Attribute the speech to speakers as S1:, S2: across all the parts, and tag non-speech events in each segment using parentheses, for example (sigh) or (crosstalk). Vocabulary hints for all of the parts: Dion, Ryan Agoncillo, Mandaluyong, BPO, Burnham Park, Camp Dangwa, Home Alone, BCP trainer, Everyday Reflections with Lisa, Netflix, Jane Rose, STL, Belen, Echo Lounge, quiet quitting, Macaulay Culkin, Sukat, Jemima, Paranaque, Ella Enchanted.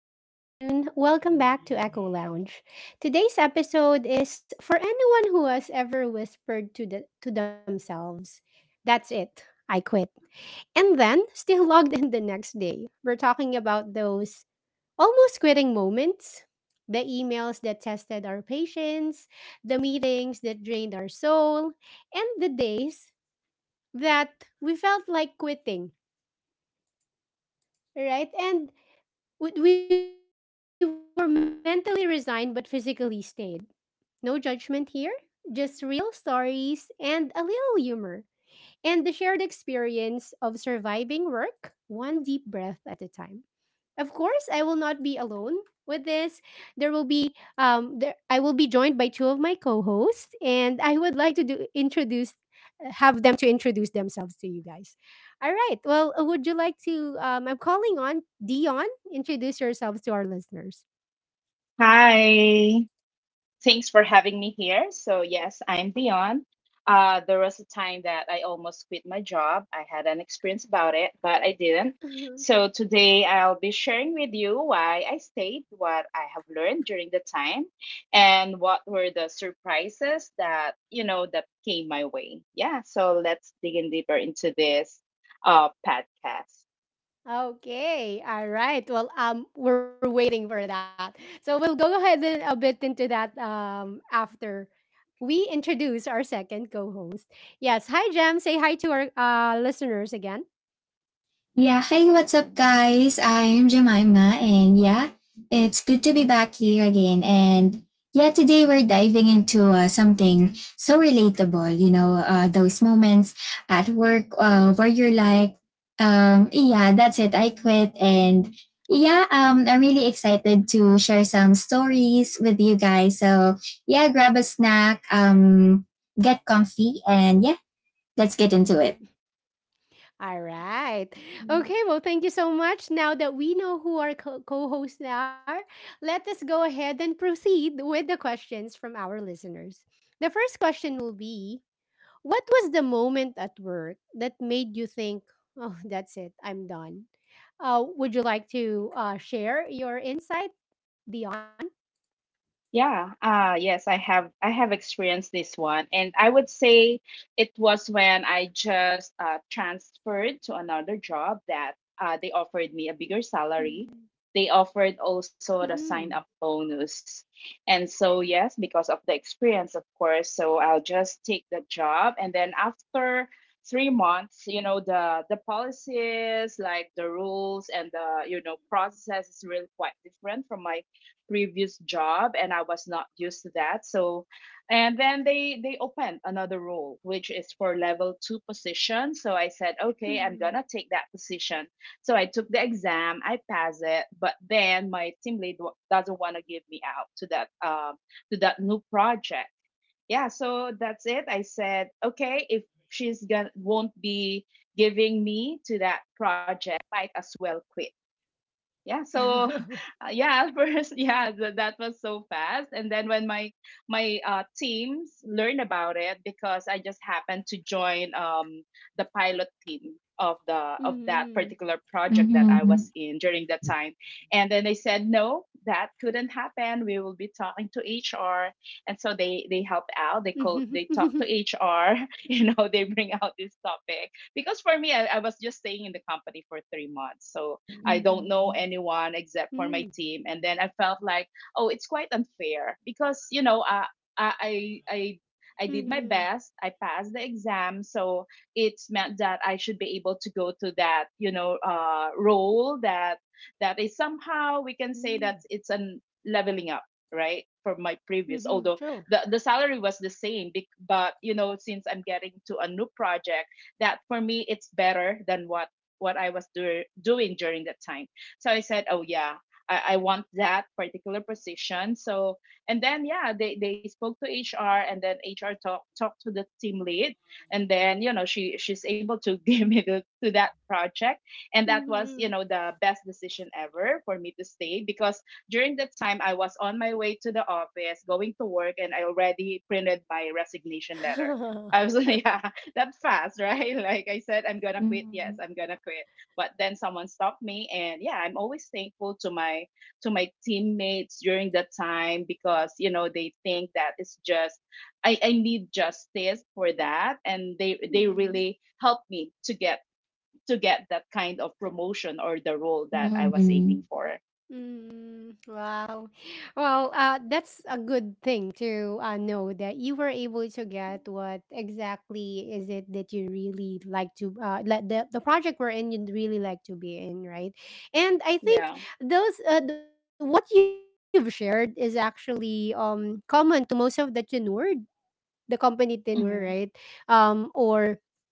S1: good afternoon. Welcome back to Echo Lounge. Today's episode is for anyone who has ever whispered to themselves, "That's it. I quit." And then (laughs) still logged in the next day. We're talking about those almost quitting moments, the emails that tested our patience, the meetings that drained our soul, and the days that we felt like quitting, right? And we were mentally resigned but physically stayed. No judgment here, just real stories and a little humor. And the shared experience of surviving work one deep breath at a time. Of course, I will not be alone with this. There will be there I will be joined by two of my co-hosts and I would like to do introduce have them to introduce themselves to you guys. All right. Well, would you like to I'm calling on Dion, introduce yourselves to our listeners.
S2: Hi. Thanks for having me here. So, yes, I'm Dion. There was a time that I almost quit my job. I had an experience about it, but I didn't.
S1: (laughs)
S2: So today I'll be sharing with you why I stayed, what I have learned during the time, and what were the surprises that, that came my way. Yeah. So let's dig in deeper into this podcast.
S1: Okay. All right. Well, we're waiting for that. So we'll go ahead and a bit into that after we introduce our second co-host. Yes. Hi, Jam. Say hi to our listeners again.
S3: Yeah, hey, what's up, guys? I'm Jemima, and yeah, it's good to be back here again. And yeah, today we're diving into something so relatable, those moments at work where you're like, yeah, that's it, I quit. And yeah, I'm really excited to share some stories with you guys. So yeah, grab a snack, get comfy, and yeah, let's get into it.
S1: All right. Okay. Well, thank you so much. Now that we know who our co-hosts are, let us go ahead and proceed with the questions from our listeners. The first question will be: what was the moment at work that made you think, "Oh, (laughs) that's it. I'm done." Would you like to share your insight, Dion?
S2: Yeah, yes, I have experienced this one, and I would say it was when I just transferred to another job that they offered me a bigger
S1: Mhm.
S2: salary. They offered also the sign up bonus, and so yes, because of the experience, of course. So I'll just take the job, and then after 3 months, you know the policies, like the rules and the you know process is really quite different from my previous job, and I was not used to that. So and then they opened another role which is for level 2 position. So I said, "Okay, I'm
S1: Mhm.
S2: going to take that position." So I took the exam, I passed it, but then my team lead doesn't want to give me out to that new project. Yeah, so that's it. I said, "Okay, if she's going to won't be giving me to that project, might as well quit." Yeah, so
S1: Mhm.
S2: (laughs) yeah, (laughs) first yeah, that was so fast. And then when my teams learned about it, because I just happened to join the pilot team of the of that
S1: Mhm.
S2: particular project that I was
S3: Mhm.
S2: in during that time, and then they said no, that couldn't happen, we will be talking to HR. And so they helped out,
S1: Mhm.
S2: they called,
S1: (laughs)
S2: they talked to HR. (laughs) You know, they bring out this topic because for me, I was just staying in the company for 3 months, so I don't know
S3: Mhm.
S2: anyone except
S1: Mm.
S2: for my team. And then I felt like, oh, it's quite unfair because, you know, I, I, I I did my
S1: Mhm.
S2: best. I passed the exam, so it's meant that I should be able to go to that, you know, role that is somehow we can say that
S1: Mm.
S2: it's an leveling up, right, from my previous.
S1: Mhm. (laughs)
S2: Although
S1: True.
S2: the salary was the same, but you know, since I'm getting to a new project, that for me it's better than what I was doing during that time. So I said, oh yeah, I want that particular position. So and then yeah, they spoke to HR, and then HR talked to the team lead, and then you know she's able to (laughs) give me to that project. And that was, you
S1: Mhm.
S2: know, the best decision ever for me to stay, because during the time I was on my way to the office going to work and I already printed my resignation letter. I was (laughs) yeah, that fast, right? (laughs) Like I said, I'm gonna quit. Yes,
S3: Mhm.
S2: I'm gonna quit. But then someone stopped me, and yeah, I'm always thankful to my teammates during that time, because you know they think that it's just I need justice for that, and they
S1: Mhm. (laughs)
S2: really helped me to get that kind of promotion or the role that I was aiming
S3: Mhm.
S2: for.
S1: Mm, wow. Well, that's a good thing to know that you were able to get what exactly is it that you really like to let the project we're in you'd really like to be in, right? And I think
S2: Yeah.
S1: what you've shared is actually common to most of the tenure, the company tenure, right?
S2: Hmm.
S1: Or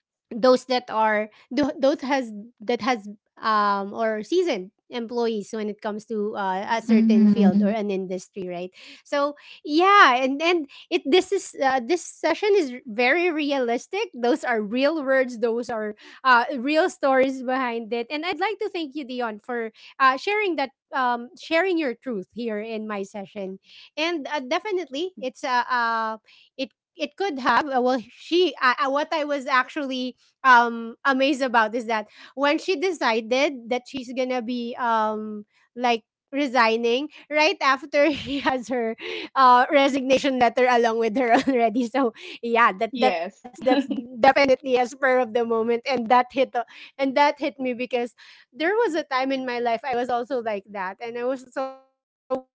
S1: those has or seasoned employees when it comes to a certain field or
S3: Mhm.
S1: an industry, right? So yeah, and it this is this session is very realistic. Those are real words, those are real stories behind it, and I'd like to thank you, Dion, for sharing your truth here in my session. And definitely it's a it it could have what I was actually amazed about is that when she decided that she's gonna be like resigning right after (laughs) she has her resignation letter along with her (laughs) already. So yeah, that
S2: Yes.
S1: that's that's definitely a spur of the moment, and that hit me, because there was a time in my life I was also like that and I was so fed up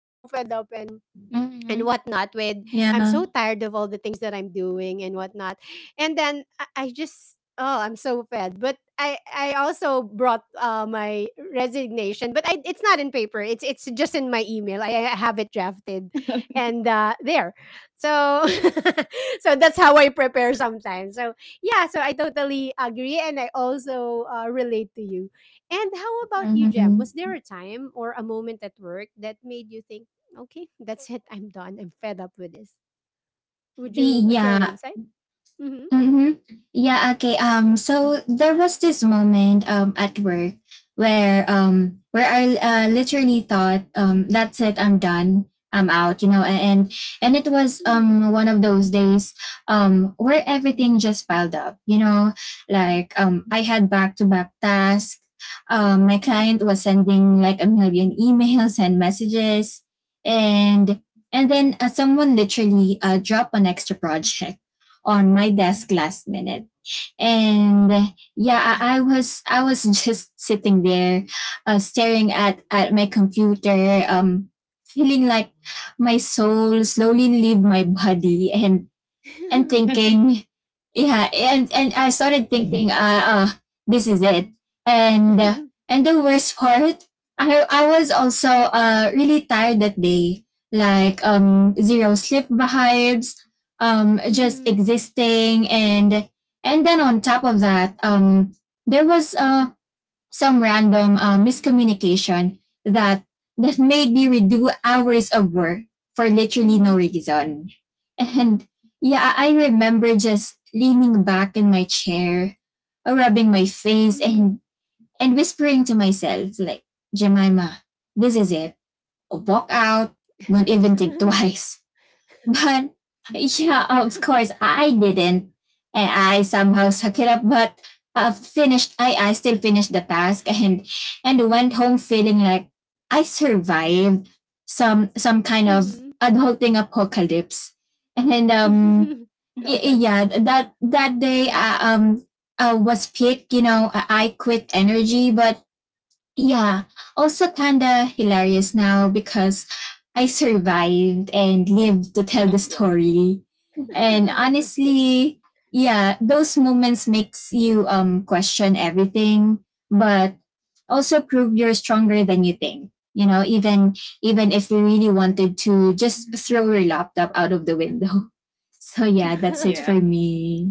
S1: and whatnot with
S3: Mhm.
S1: I'm so tired of all the
S3: Yeah.
S1: things that I'm doing and whatnot. And then I just, oh, I'm so fed, but I also brought my resignation, but I it's not in paper, it's just in my email. I have it drafted and there so (laughs) so that's how I prepare sometimes. So yeah, so I totally agree, and I also relate to you. And how about you, Jem? Was
S3: Mhm.
S1: there a time or a moment at work that made you think, okay, that's it, I'm done, I'm fed up with this? Would you share your
S3: Yeah.
S1: insight? Mm-hmm.
S3: Mm-hmm. Yeah, okay. So there was this moment at work where I literally thought that's it, I'm done, I'm out, and it was
S1: Mm-hmm.
S3: one of those days where everything just piled up, like I had back to back tasks, my client was
S1: Mm-hmm.
S3: sending like a million (laughs) emails and messages, and and then someone literally dropped an extra project on my desk last minute. And yeah, I was (laughs) just sitting there, staring at my computer, feeling like my soul slowly leave my body, and
S2: (laughs)
S3: thinking, yeah, and I started thinking, this is it. And uh,
S1: (laughs)
S3: and the worst part, I was also really tired that day, like zero sleep vibes, just
S1: Mm-hmm.
S3: existing, and then on top of that, there was some random miscommunication that that made me redo hours of work for literally no
S1: Mm-hmm.
S3: reason. And yeah, I remember just leaning back in my chair, rubbing my face
S1: Mm-hmm.
S3: and whispering to myself like, Jemima, this is it. Walk out. Don't even think twice. But yeah, of course I didn't, and I somehow suck it up. But I finished. I still finished the task and went home feeling like I survived some kind
S1: (laughs)
S3: of
S1: Mm-hmm.
S3: adulting apocalypse. And yeah, that day was peak. You know, I quit energy, but yeah, also kinda hilarious now because I survived and lived to tell the
S2: Yeah.
S3: story. And
S2: It-
S3: honestly, yeah, those moments makes you question everything, but also prove you're stronger than you think. You know, even even if you really wanted to just throw your laptop out of the window. (laughs) So yeah, that's it for
S2: yeah.
S3: me.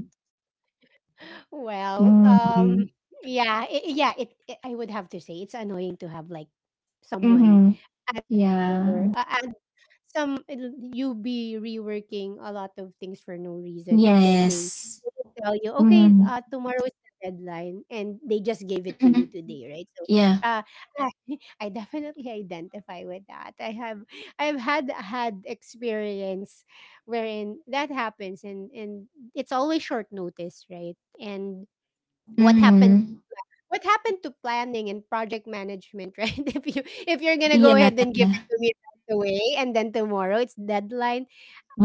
S1: (laughs) Well,
S3: Mm-hmm.
S1: yeah, yeah. I would have to say it's annoying to have like
S3: Mm-hmm.
S1: someone add your
S3: Yeah.
S1: add Some it'll you be reworking a lot of things for no reason, and then they
S3: Yes.
S1: will tell you, "Okay,
S3: Mhm.
S1: tomorrow is the deadline," and they just gave it to you
S3: Mhm.
S1: today, right? So,
S3: Yeah.
S1: uh, (laughs) I I definitely identify with that. I've had experience wherein that happens, and it's always short notice, right? And what happened
S3: Mhm.
S1: what happened to planning and project management, (laughs) right? If you're gonna go
S3: Yeah.
S1: ahead and give it to me right away, and then tomorrow it's deadline.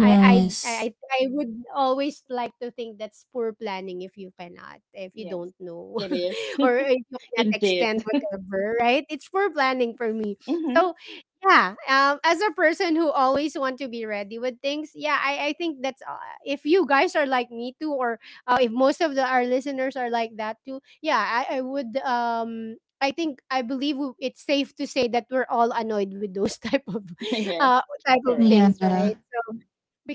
S1: I I I would always like to think that's poor planning if you cannot, if you
S2: Yes.
S1: don't know,
S2: It is.
S1: (laughs) or if you
S2: (laughs)
S1: cannot extend
S2: Indeed.
S1: whatever, right? It's for planning for me.
S2: (laughs) Mhm.
S1: So yeah, as a person who always want to be ready with things, yeah, I think that's if you guys are like me too, or if most of the, our listeners are like that too, yeah, I would I think I believe it's safe to say that we're all annoyed with those (laughs)
S2: (laughs) Yes.
S1: type of
S2: Correct.
S3: Yeah.
S1: things, right?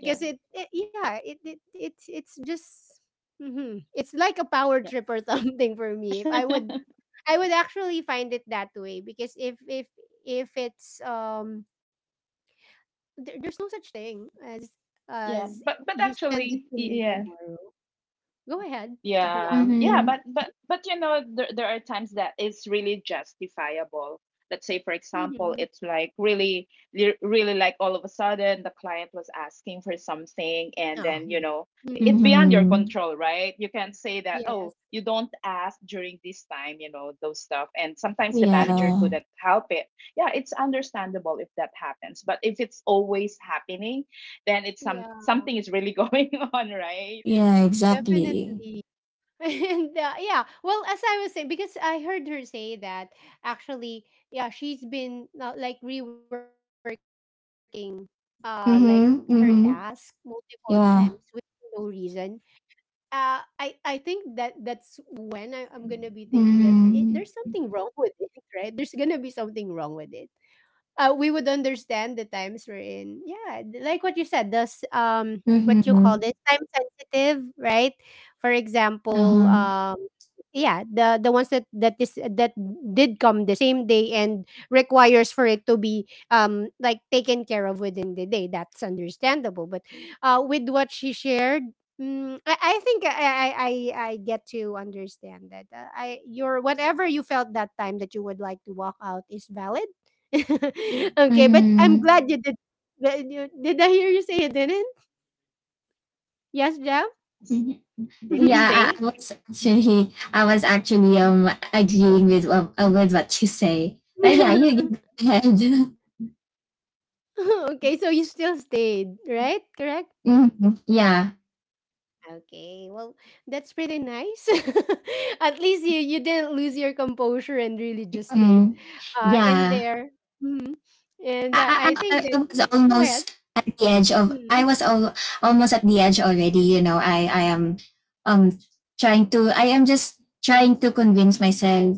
S2: Yeah.
S1: it yeah, it's just it's like a power
S2: Yeah.
S1: trip or (laughs) something for me. If I would
S2: (laughs)
S1: I would actually find it that way because if it's there, there's no such thing
S2: Yeah,
S1: as
S2: but
S1: you send it
S2: actually
S1: to me
S2: yes.
S1: tomorrow. Go ahead,
S2: Yeah,
S1: Dion. Do you
S2: yeah,
S1: want?
S2: but
S3: Mhm.
S2: but you know, there are times that it's really justifiable. Let's say, for example,
S1: Mm-hmm.
S2: it's like really, really like all of a sudden the client was asking for something, and
S1: Oh,
S2: then you know it's
S1: mm,
S2: beyond your
S3: Mhm.
S2: control, right? You can't say that, oh,
S1: yes.
S2: you don't ask during this time, you know, those stuff. And sometimes the manager
S3: Yeah.
S2: couldn't help it. Yeah, it's understandable if that happens, but if it's always happening, then it's
S1: Yeah,
S2: something is really (laughs) going on, right?
S3: Yeah. Exactly.
S1: definitely. (laughs) And yeah, well, as I was saying, because I heard her say that actually, yeah, she's been like reworking, uh, like her task
S3: Mhm.
S1: multiple
S3: Mhm.
S1: times with no
S3: Yeah.
S1: reason. I think that that's when I'm gonna be thinking that there's something
S3: Mhm.
S1: wrong with it, right? There's gonna be something wrong with it. We would understand the times we're in. Yeah, like what you said, this what you call
S3: Mhm.
S1: this, time sensitive, right? For
S3: Uh
S1: example,
S3: huh.
S1: yeah, the ones that that is that did come the same day and requires for it to be like taken care of within the day. That's understandable, but with what she shared. Mm, I think I get to understand that I your whatever you felt that time that you would like to walk out is valid. (laughs) Okay, but I'm
S3: Mhm.
S1: glad you did. Did I hear you say you didn't? Yes, Jam?
S3: Mhm.
S2: Did you
S1: (laughs)
S3: Yeah, I
S2: stay?
S3: I was actually, I was actually agreeing with with what you say. But yeah, you
S1: (laughs)
S3: go ahead. (laughs)
S1: Okay, so you still stayed, right? Correct?
S3: Mhm. Yeah.
S1: Okay, well, that's pretty nice. (laughs) At least you, you didn't lose your composure and really just stayed
S3: Mm.
S1: in
S3: Yeah.
S1: there. Mhm. And I
S3: I,
S1: think
S3: I, I
S1: that,
S3: was
S1: go ahead.
S3: almost at the edge of
S1: Mm,
S3: almost at the edge already, you know. I am um trying to I am just trying to convince myself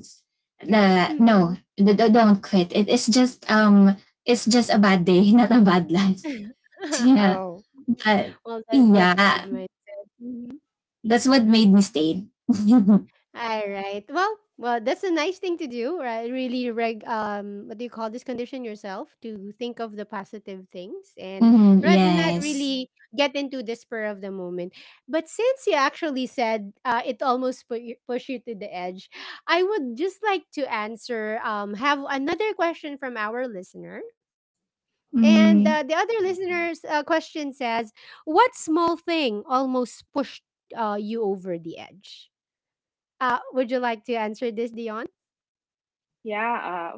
S1: mm,
S3: that
S1: mm.
S3: no, don't quit, it, it's just a bad day, (laughs) not a bad life. (laughs)
S1: (laughs)
S3: Yeah,
S1: Oh,
S3: but
S1: well, that, that's good
S3: yeah,
S1: mindset. Mm-hmm.
S3: that's what made me stay. (laughs)
S1: All right. Well, well, that's a nice thing to do, right? Really, what do you call this? Condition yourself to think of the positive things and
S3: Mhm,
S1: right, not
S3: yes.
S1: really get into the spur of the moment. But since you actually said it almost put you, push you to the edge, I would just like to answer, have another question from our listener. And the
S3: Mm-hmm.
S1: other listener's question says, what small thing almost pushed you over the edge? Would you like to answer this, Dion?
S2: Yeah,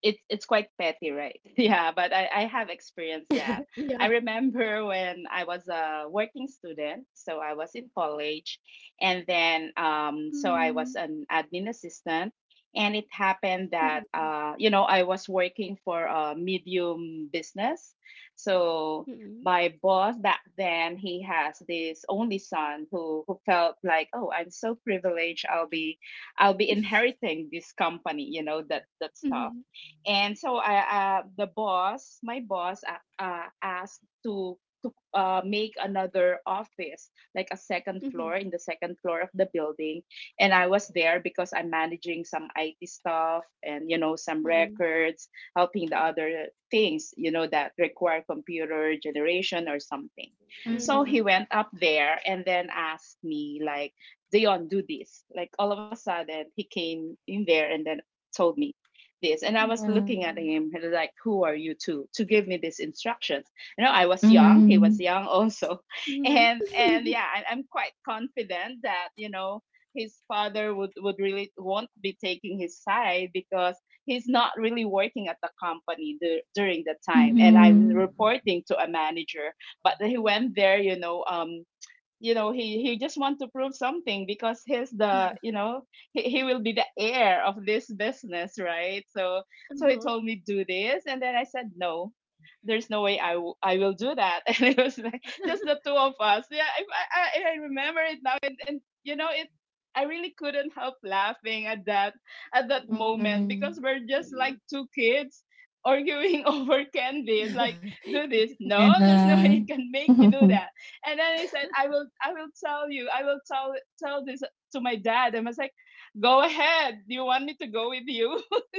S2: it's quite petty, right? (laughs) Yeah, but I have
S1: Yeah.
S2: experienced that. I remember when I was a working student, so I was in college, and then
S1: Mm,
S2: so I was an admin assistant, and it
S1: mm,
S2: happened that you know I was working for a medium business, so
S1: mm,
S2: my boss back then, he has this only son who felt like, oh, I'm so privileged, I'll be I'll be inheriting this company, you know, that
S1: mhm,
S2: stuff. And so the boss, my boss, asked to make another office, like a second
S1: mhm,
S2: floor in the second floor of the building. And I was there because I'm managing some IT stuff and you know some
S1: mhm,
S2: records, helping the other things you know that require computer generation or something. So
S3: Mm-hmm.
S1: mhm,
S2: he went up there and then asked me like, "Dion, do this." Like all of a sudden, he came in there and then told me this. And I was looking at him like, who are you to give me these instructions? You know, I was young, he
S3: Mm-hmm.
S2: was young (laughs) also.
S1: mhm.
S2: And
S1: (laughs)
S2: yeah, I'm quite confident that, you know, his father would really won't be taking his side because he's not really working at the company during the time, and I'm
S3: Mm-hmm.
S2: reporting to a manager. But he went there, you know, you know he just want to prove something because he's the you know he will be the heir of this business, right? So so he
S1: Uh-huh,
S2: told me, "Do this." And then I said, "No, there's no way I will do that." (laughs) And it was like just the two of us. Yeah, if I I remember it now, and you know it, I really couldn't help laughing at that moment,
S3: Ừm,
S2: because we're
S1: mm.
S2: just like
S1: Mm.
S2: two kids arguing (laughs) over candies like, "Do this." "No, there's no
S3: à.
S2: way you can make me do
S3: Ừm,
S2: that." And then he said, I will tell you, I will tell this to my dad." And I was like, "Go ahead. Do you want me to go with you?" (laughs)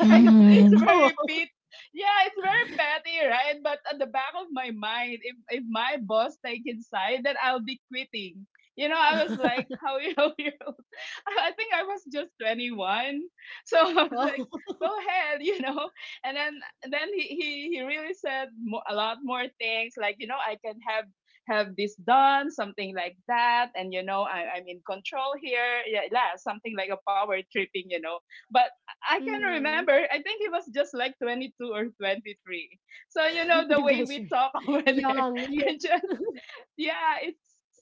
S2: Yeah,
S3: ừm,
S2: it's
S1: Oh,
S2: very pit yeah, it's very petty, right? But at the back of my mind, if my boss take inside, then I'll be quitting. You know, I was
S1: (laughs)
S2: like, how, (laughs) you know, I think I was just 21. (laughs) So I was like,
S1: oh,
S2: go ahead, (laughs) you know. And then he really said a lot more things like, you know, I can have this done, something like that, and you know, I'm in control here. Yeah, yeah, something like a power tripping, you know. But I can
S1: mm.
S2: remember, I think he was just like 22 or 23. So you
S1: (laughs)
S2: know
S1: You
S2: the way
S1: guys are
S2: we talk (laughs) over there,
S1: young. Yeah.
S2: I just yeah, it's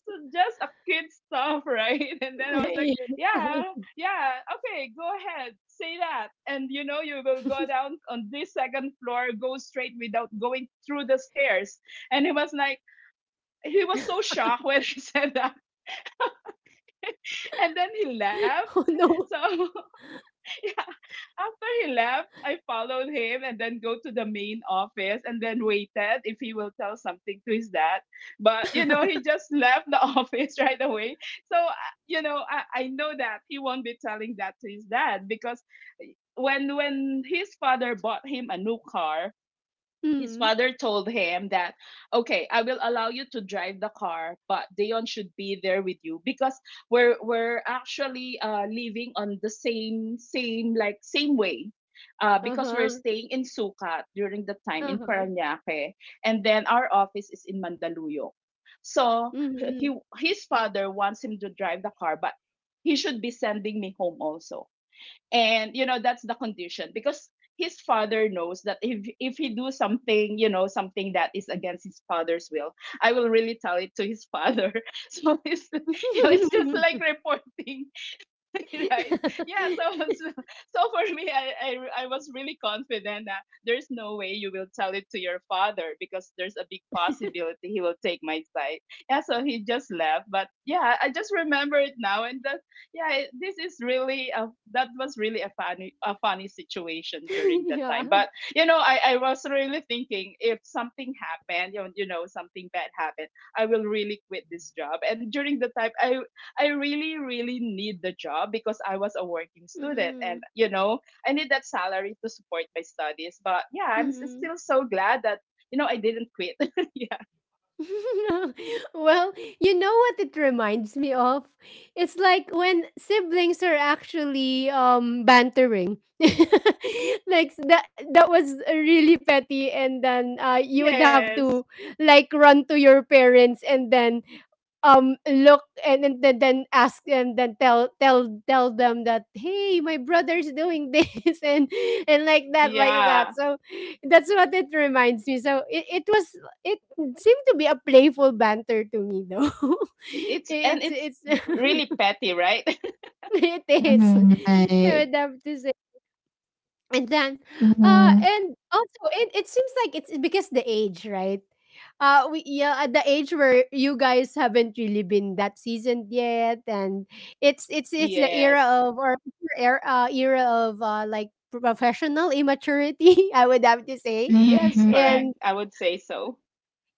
S2: so, just a kid stuff, right? (laughs) And then I was like, yeah,
S1: (laughs)
S2: yeah, okay, go ahead, say that. And you know, you will go down on this second floor, go straight without going through the stairs. And he was like, he was so shocked (laughs) when she said that. And then he
S1: Oh
S2: laughed.
S1: no.
S2: So after he left, I followed him and then go to the main office and then waited if he will tell something to his dad. But you know, he
S1: (laughs)
S2: just left the (laughs) office right away. So you know, I know that he won't be telling that to his dad, because when his father bought him a new car, his
S1: Mm.
S2: father told him that, okay, I will allow you to drive the car, but Dion should be there with you because we're actually living on the same like same way, because we're
S1: Uh-huh.
S2: staying in Sukat during the time in
S1: Uh-huh.
S2: Paranaque, and then our office is in Mandaluyong. So he—
S1: Mm-hmm.
S2: his father wants him to drive the car, but he should be sending me home also, and you know that's the condition, because his father knows that if he do something, you know, something that is against his father's will, I will really tell it to his father. (laughs) So it's, you know, it's just
S1: (laughs)
S2: like reporting. (laughs) Right. yeah
S1: (laughs)
S2: so so, so for me I was really confident that there's no way you will tell it to your father, because there's a big possibility he will take my side. Yeah, so he just left, but yeah, I just remember it now. And that yeah, this is really a— that was really a funny, a funny situation during that time.
S1: Yeah.
S2: But you know, I was really thinking, if something happened, you know, something bad happened, I will really quit this job. And during the time I really really need the job, because I was a working student.
S1: Mm-mm.
S2: And you know, I need that salary to support my studies. But yeah,
S1: Mm-mm.
S2: still so glad that, you know, I didn't quit. (laughs) Yeah.
S1: (laughs) Well, you know what it reminds me of? It's like when siblings are actually bantering. (laughs) Like that that was really petty, and then you would have
S2: Yes.
S1: to like run to your parents and then look and then ask them, then tell them that hey, my brother's doing this, (laughs) and like that, like that.
S2: Yeah,
S1: So that's what it reminds me. So it was it. It seemed to be a playful banter to me though. (laughs)
S2: it's— and it's
S1: It's
S2: really petty, right? (laughs)
S1: (laughs) It is, I
S3: này,
S1: would have to say. And then
S3: ừm, ừm,
S1: and also it seems like it's because the age, right? We yeah, at the age where you guys haven't really been that seasoned yet, and it's the era
S2: Yes.
S1: of or era, era of like professional immaturity, (laughs) I would have to say.
S2: Yes,
S3: ừm,
S2: correct.
S1: And
S2: I would say so.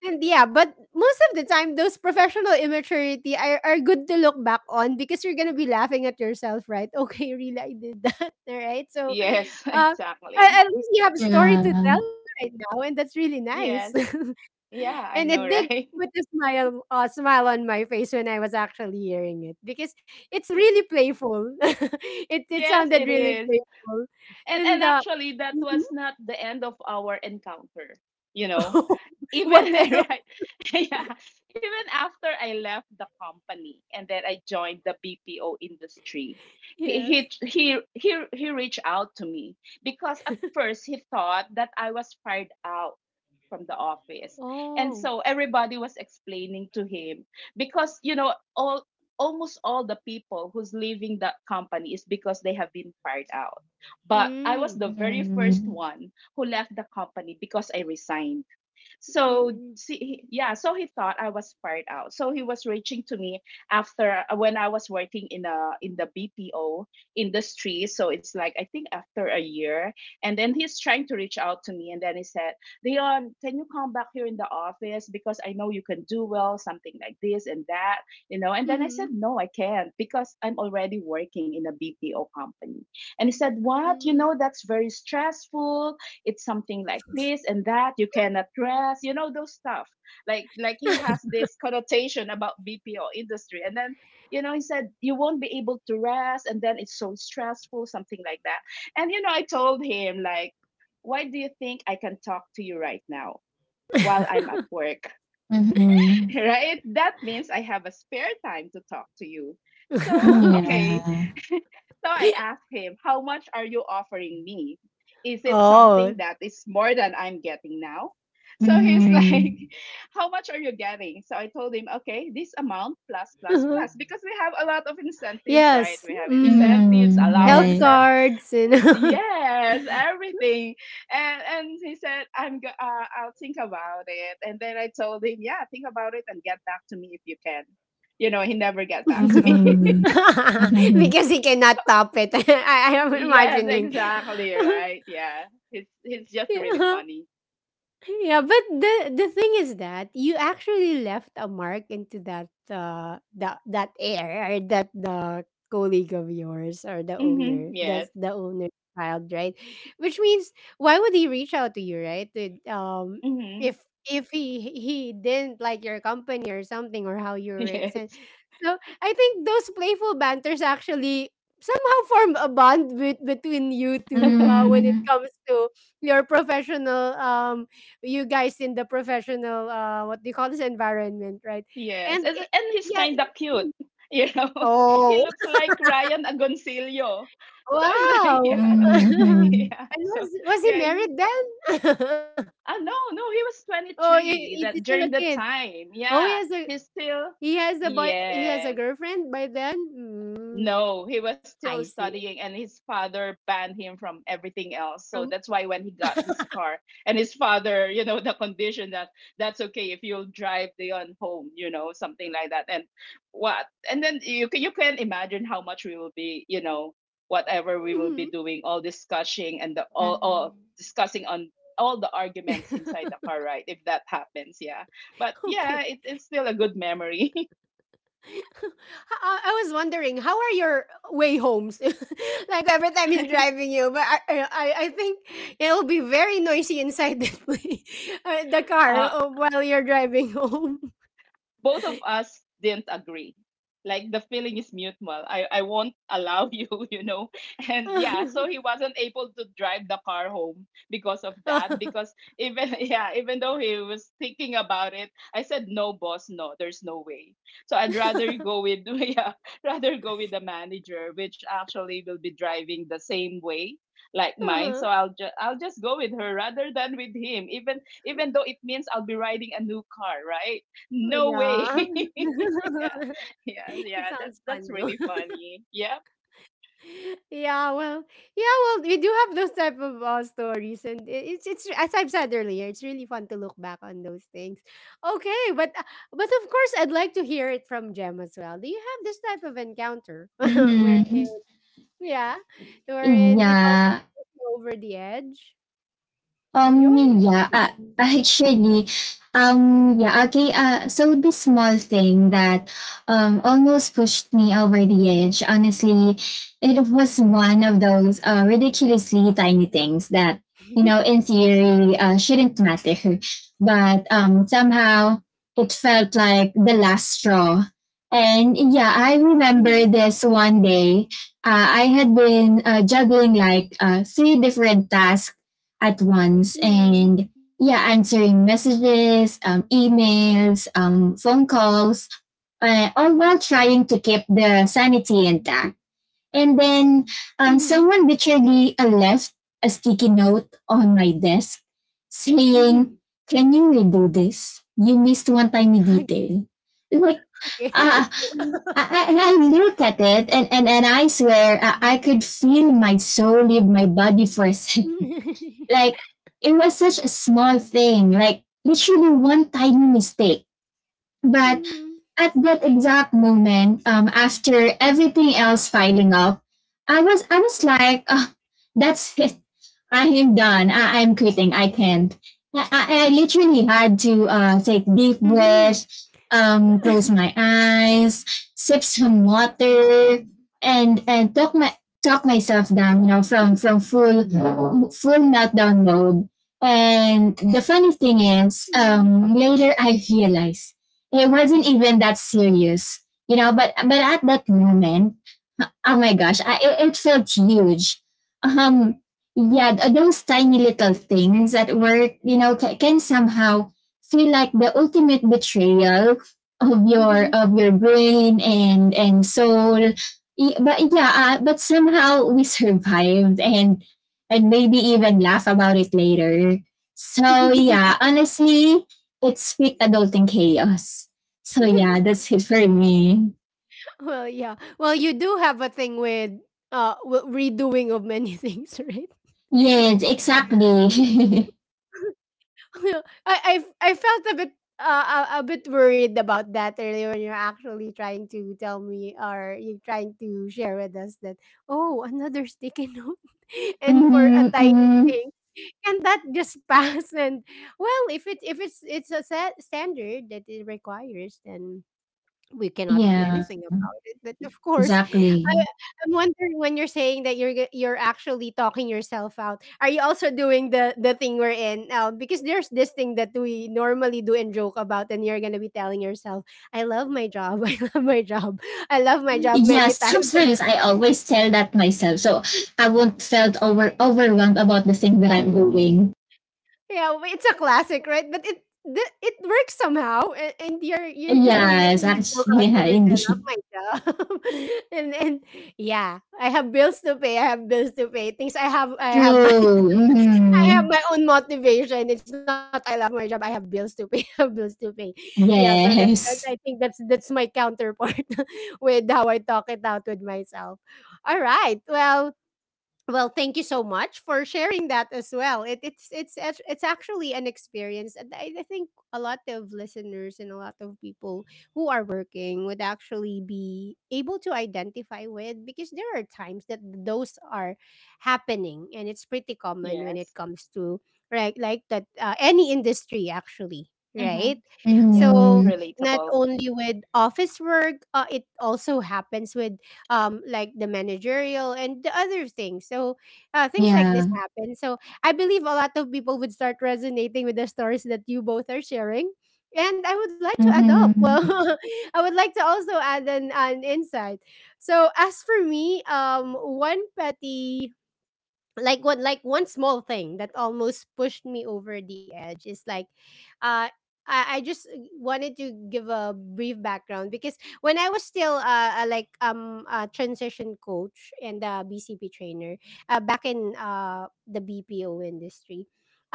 S1: And yeah, but most of the time, those professional immaturity are good to look back on because you're gonna be laughing at yourself, right? (laughs) Okay, really, I did that, (laughs) all right? So,
S2: Yes, (laughs)
S1: uh,
S2: exactly.
S1: at least you have a story to
S3: yeah,
S1: tell right now, and that's really nice. (laughs)
S2: Yes.
S1: And
S2: Yeah, I
S1: it
S2: know,
S1: did
S2: right?
S1: put a
S2: (laughs)
S1: smile, smile on my face when I was actually hearing it, because it's really playful. (laughs) It
S2: Yes, it
S1: sounded really
S2: is.
S1: playful,
S2: And
S1: and
S2: actually, that was not the end of our encounter. You know,
S1: (laughs) what
S2: even (laughs)
S1: else?
S2: right. (laughs) Yeah, even after I left the company and then I joined the BPO industry, he he
S1: Yes.
S2: he he, he reached out to me. Because at first, he thought that I was fired out from the office. And
S1: Oh.
S2: so everybody was explaining to him, because you know, all— almost all the people who's leaving that company is because they have been fired out. But I was
S1: Mm.
S2: the
S3: ừm,
S2: very first
S3: ừm,
S2: one who left the company because I resigned. So
S1: Mm.
S2: see, he— yeah, so he thought I was fired out. So he was reaching to me after when I was working in a— in the BPO industry. So it's like, I think after a year, and then he's trying to reach out to me, and then he said, "Leon, can you come back here in the office, because I know you can do well, something like this and that, you know?" And then
S1: Mhm,
S2: I said, "No, I can't because I'm already working in a BPO company." And he said, "What? You
S1: mm.
S2: know, that's very stressful, it's something like this and that, you cannot dress, you know, those stuff." Like he has this connotation about BPO industry. And then, you know, he said you won't be able to rest, and then it's so stressful, something like that. And you know, I told him, like, why do you think I can talk to you right now while I'm at work?
S3: yeah, ừm, ừm, này, ừm, ừm,
S2: (laughs) Right? That means I have a spare time to talk to you. So,
S1: (laughs)
S2: okay. (laughs) So I asked him, how much are you offering me? Is it
S1: Oh,
S2: something that is more than I'm getting now? So he's like, (laughs) how much are you getting? So I told him, okay, this amount plus, plus,
S1: uh-huh.
S2: plus, because we have a lot of incentives, right?
S1: Yes,
S2: We have
S1: mm,
S2: incentives,
S1: health
S2: allowances.
S1: cards and (laughs)
S2: Yes, everything. And he said, I'll think about it. And then I told him, yeah, think about it and get back to me if you can. You know, he never get
S1: (laughs)
S2: back to me.
S3: ừm, ừm,
S1: because he cannot top it. (laughs) I
S2: (laughs)
S1: am
S2: Yes,
S1: imagining. (laughs)
S2: exactly, right. Yeah, he's— he's just really
S1: Yeah.
S2: funny.
S1: Yeah, but the thing is that you actually left a mark into that that air, or that, the colleague of yours, or the
S2: Hmm,
S1: owner,
S2: yes.
S1: that's the owner child, right? Which means why would he reach out to you, right?
S2: Hmm.
S1: If if he didn't like your company or something, or how you
S2: (laughs)
S1: were. And
S2: Yes.
S1: so I think those playful banters actually somehow form a bond, with, between you two
S2: (laughs)
S1: when it comes to your professional you guys in the professional what do you call this, environment, right?
S2: yes
S1: And it,
S2: and he's
S1: yeah.
S2: kind of cute, you know. (laughs) He
S1: Oh,
S2: looks like Ryan Agoncillo. So it's like (laughs) yeah.
S1: wow. (laughs)
S2: (laughs) Yeah,
S1: And
S2: so
S1: was he
S2: yeah.
S1: married then? (laughs)
S2: Ah, no, no, he
S1: Oh,
S2: was
S1: he's still a
S2: 23 that
S1: kid.
S2: during that
S1: Oh, he
S2: time.
S1: has a,
S2: Yeah, he's
S1: he
S2: still—
S1: has a boy, he has a
S2: yes,
S1: girlfriend by then?
S2: no, he was
S1: I
S2: still
S1: see.
S2: studying, and his father banned him from everything else.
S1: From,
S2: So that's why when he got his car, and his father, you know, (laughs) the condition that, that's okay if you'll drive Leon home, you know, something like that. And what? And then you can— you can imagine how much we will be, you know, whatever we will
S1: mhm.
S2: be doing, all discussing, and the all discussing on all the arguments inside the
S1: (laughs)
S2: car, right? If that happens, yeah. But
S1: Okay.
S2: yeah, it— it's still a good memory. (laughs)
S1: (laughs) I was wondering how are your way homes? (laughs) Like every time he's driving you, but I think it'll be very noisy inside the play, (laughs) the car
S2: Uh,
S1: while you're driving home.
S2: both of us didn't agree. Like, the feeling is mutual. I— I won't allow you, (laughs) you know. And yeah, so he
S1: (laughs)
S2: wasn't able to drive the car home because of that.
S1: Uh-huh.
S2: Because even, (laughs) yeah, even though he was thinking about it, I said no, boss, no, there's no way. So I'd rather go
S1: (laughs)
S2: with, (laughs) yeah, rather go with the manager, which actually will be driving the same way like mine. So I'll just— I'll just go with her rather than with him. Even— even though it means I'll be riding a new car, right? No way. (laughs)
S1: Yeah.
S2: Yeah.
S1: (laughs)
S2: Yeah,
S1: It
S2: yeah, that,
S1: sounds
S2: that's
S1: fun.
S2: really funny, yeah.
S1: Yeah, well. Yeah, well, we do have those type of stories. And it's as I've said earlier, it's really fun to look back on those things. Okay, but of course I'd like to hear it from Jem as well. Do you have this type of encounter (laughs) where,
S3: ừm,
S1: yeah,
S3: ừm,
S1: wherein it
S3: yeah.
S1: almost goes over the edge.
S3: Um,
S1: Go ahead.
S3: yeah, uh, actually, yeah, okay. So this small thing that almost pushed me over the edge, honestly, it was one of those ridiculously tiny things that, you know, in theory, shouldn't matter, but somehow it felt like the last straw. And yeah, I
S1: Mm-hmm.
S3: remember this one day. I had been juggling like three different tasks at once
S1: Mm-hmm.
S3: and yeah, answering messages, emails, phone calls, all while trying to keep the sanity intact. And then
S1: Mm-hmm.
S3: someone literally left a sticky note on my desk
S1: Mm-hmm.
S3: saying, "Can you redo this? You missed one tiny
S1: (laughs)
S3: detail." Like,
S1: Okay.
S3: uh, I, I look at it, and I swear I could feel my soul leave my body for a (laughs)
S1: (laughs)
S3: second,
S1: Mm-hmm.
S3: like it was such a small thing, like literally one tiny mistake. But at that exact moment, after everything else piling up, I was like, "Ah, that's it. I am done. I'm quitting. I can't. I
S1: Mm-hmm.
S3: literally had to take deep breath, close my eyes, sip some water, and talk myself down. You know, from full meltdown mode. And the funny
S1: Mm-hmm.
S3: thing is, later I realized it wasn't even that serious, you know. But at that moment, oh my gosh, it felt huge. Um, yeah, those tiny little things at work, you know, can somehow feel like the ultimate betrayal of your brain and soul. But yeah, but somehow we (laughs) survived and maybe even laugh about it later. So
S1: Mm-hmm.
S3: yeah, honestly, it's sweet adulting chaos. So yeah,
S1: (laughs)
S3: that's it for me.
S1: Well, yeah. Well, you do have a thing with uh w- redoing of many (laughs) things, right?
S3: Yes, exactly. (laughs)
S1: (laughs) I felt a bit a bit worried about that earlier when you're actually trying to tell me, or you're trying to share with us, that, oh, another sticky (laughs) note, and for
S3: hmm
S1: a tiny
S3: hmm
S1: thing, can that just (laughs) pass? And well, if it, if it's it's a set standard that it requires, then we cannot do
S3: Yeah,
S1: anything about it. But of course, (laughs)
S3: exactly.
S1: I'm wondering when you're saying that you're you're actually talking yourself out. Are you also doing the thing we're in now? Because there's this thing that we normally do and joke about, and you're gonna be telling yourself, "I love my job. (laughs) I love my job. I love my job."
S3: Yeah,
S1: Many (laughs) times.
S3: sometimes I always tell that myself, so I won't felt over overwhelmed about the thing that I'm doing.
S1: Yeah, but it's a classic, right? But it works somehow, and you're just gonna
S3: Yes,
S1: making a joke
S3: actually, (laughs)
S1: out
S3: yeah,
S1: of it. I love
S3: indeed.
S1: my job, (laughs) and yeah, I have bills to pay. I have bills to pay. Things I have
S3: True.
S1: my (laughs) I
S3: Hmm
S1: have my own motivation. It's not I love my job. I have bills to pay. (laughs) I have bills to pay. Yeah, so that I
S3: Yes.
S1: think that's my counterpart (laughs) with how I talk it out with myself. All right, well. Well, thank you so much for sharing that as well. It's it's actually an experience, and I think a lot of listeners and a lot of people who are working would actually be able to identify with, because there are times that those are happening, and it's pretty common when it
S2: Yes.
S1: comes to, right, like that, any industry actually,
S2: Mm-hmm.
S1: right?
S2: Yeah.
S1: So
S3: hmm
S1: not
S2: Relatable.
S1: only with office work, it also happens with like the managerial and the other things. So things like
S3: Yeah.
S1: this happen. So I believe a lot of people would start resonating with the stories that you both are sharing. And I would like to add up.
S3: Mm-hmm.
S1: Well, (laughs) I would like to also add an insight. So as for me, one petty, like what, like one small thing that almost pushed me over the edge is like, uh I just wanted to give a brief background, because when I was still like a transition coach and a BCP trainer back in the BPO industry. (laughs)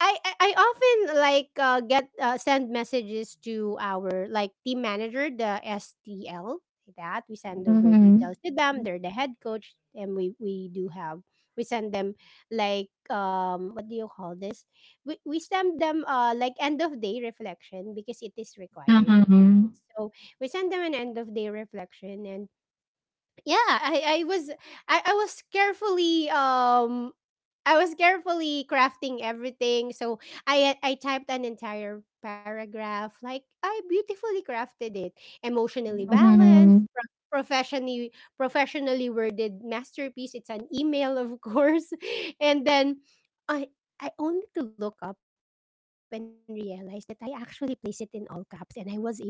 S1: I often like get send messages to our like team manager, the STL. That we send over
S3: Mm-hmm.
S1: details to them. They're the head coach, and we do have, we send them like, what do you call this? We send them like end of day reflection because it is required.
S3: Uh-huh.
S1: So we send them an end of day reflection, and yeah, I was, I was carefully I was carefully crafting everything. So I typed an entire paragraph, like I beautifully crafted it, emotionally balanced,
S3: Mm-hmm.
S1: professionally worded masterpiece. It's an email, of course. (laughs) And then, i I only to look up and realize that I actually placed it in all caps, and I was able to send it.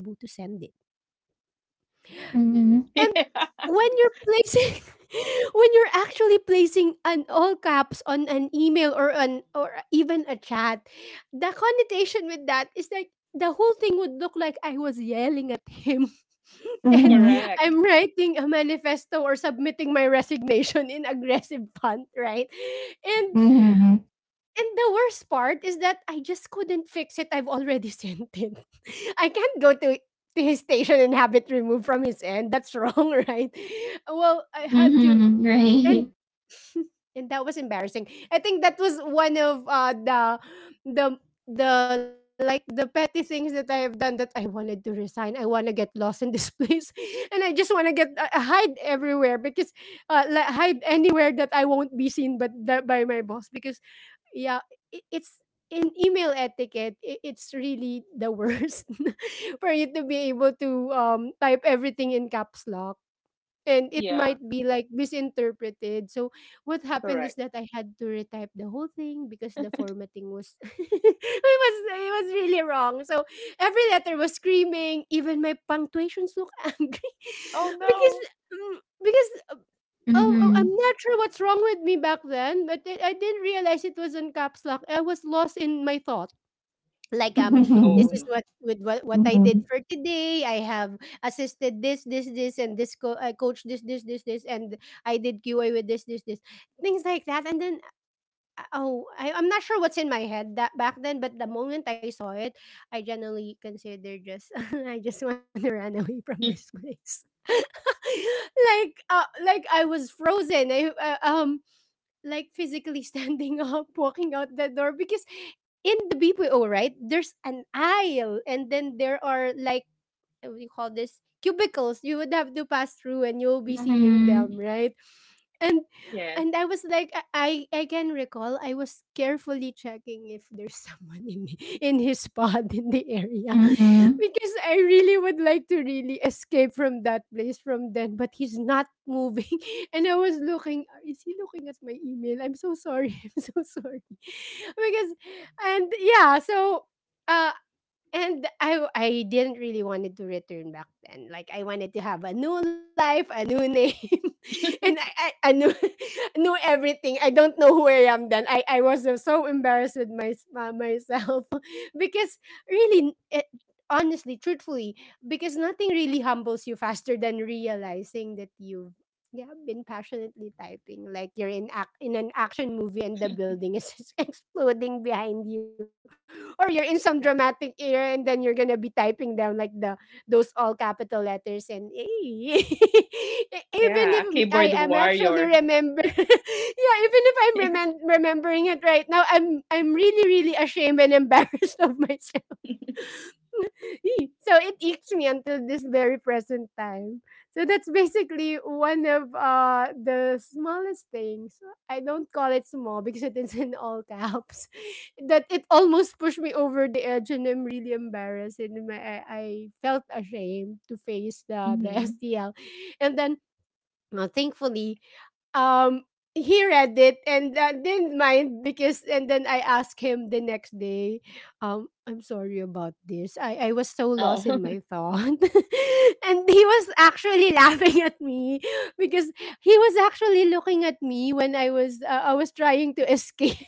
S1: And
S3: Mm-hmm.
S2: (laughs) Yeah.
S1: when you're placing, (laughs) when you're actually placing an all caps on an email, or an, or even a chat, the connotation with that is like the whole thing would look like I was yelling at him. (laughs) And
S3: Mm-hmm.
S2: Correct.
S1: I'm writing a manifesto or submitting my resignation in aggressive font, right? And
S3: Mm-hmm.
S1: and the worst part is that I just couldn't fix it. I've already (laughs) sent it. I can't go to his station and have it removed from his end. That's wrong, (laughs) right? Well, I had to,
S3: Mm-hmm.
S1: and
S3: Right.
S1: (laughs) and that was embarrassing. I think that was one of the the like the petty things that I have done that I wanted to resign. I want to get lost in this (laughs) place, and I just want to get hide everywhere, because like hide anywhere that I won't be seen, but that by my boss. Because yeah, I it's in email etiquette, I it's really the worst (laughs) for you to be able to, type everything in caps lock, and it
S2: Yeah.
S1: might be like misinterpreted. So what happened
S2: Correct.
S1: is that I had to retype the whole thing because the formatting was (laughs) it was really wrong. So every letter was screaming. Even my punctuations look (laughs) angry,
S2: Oh no.
S1: because, mm, because, oh,
S3: Mm-hmm.
S1: I'm not sure what's wrong with me back then, but I didn't realize it was in caps lock. I was lost in my thoughts, like um
S2: Oh
S1: this
S3: Mm-hmm.
S2: no.
S1: is what, what I
S3: Mm-hmm.
S1: did for today. I have assisted this and this, I coached this, and I did QA with this, things like that. And then I'm not sure what's in my head that back then, but the moment I saw it, I generally consider just, (laughs) I just want to run away
S2: (laughs)
S1: from this place. (laughs) Like, like I was frozen. I Like physically standing (laughs) up, walking out the door, because in the BPO, right, there's an aisle, and then there are like, what do you call this, cubicles, you would have to pass through, and you'll be seeing
S3: Mm-hmm.
S1: them, right? and
S2: Yes.
S1: and I was like, I can recall I was carefully checking if there's (laughs) someone in his spot in the area. (laughs)
S3: Mm-hmm.
S1: Because I really would like to really escape from that place from then, but he's not moving. (laughs) And I was looking, is he looking at my email? I'm so sorry. (laughs) I'm so sorry. (laughs) Because, and yeah, so uh, and I didn't really wanted to return back then. Like I wanted to have a new life, a new name, (laughs) and I knew, (laughs) knew everything. I don't know who I am then. I was so embarrassed with my myself (laughs) because really, it, honestly, truthfully, because nothing really humbles you faster than realizing that you've, yeah, been passionately typing like you're in an action movie,
S2: Yeah.
S1: and the building is (laughs) just exploding behind you, or you're in some dramatic
S2: Right.
S1: era, and then you're gonna be typing down like, the, those all capital letters, and (laughs) even if
S2: Yeah, a
S1: I
S2: keyboard
S1: am
S2: warrior.
S1: actually remember, (laughs) yeah, even if I'm
S2: (laughs)
S1: remembering it right now, I'm really ashamed and embarrassed (laughs) of myself. (laughs) Eh, so it eats me until this very present time. So that's basically one of the smallest things. I don't call it small because it is in all caps. (laughs) That it almost pushed me over the edge, and I'm really embarrassed, and I felt ashamed to face
S2: Yeah.
S1: the
S2: Mm-hmm.
S1: STL. And then, thankfully, um he read it, and didn't mind. Because and then I asked him the next day, I'm sorry about this, I was so lost
S2: Oh.
S1: in my thought. (laughs) And he was actually (laughs) laughing at me because he was actually looking at me when I was trying to (laughs) escape.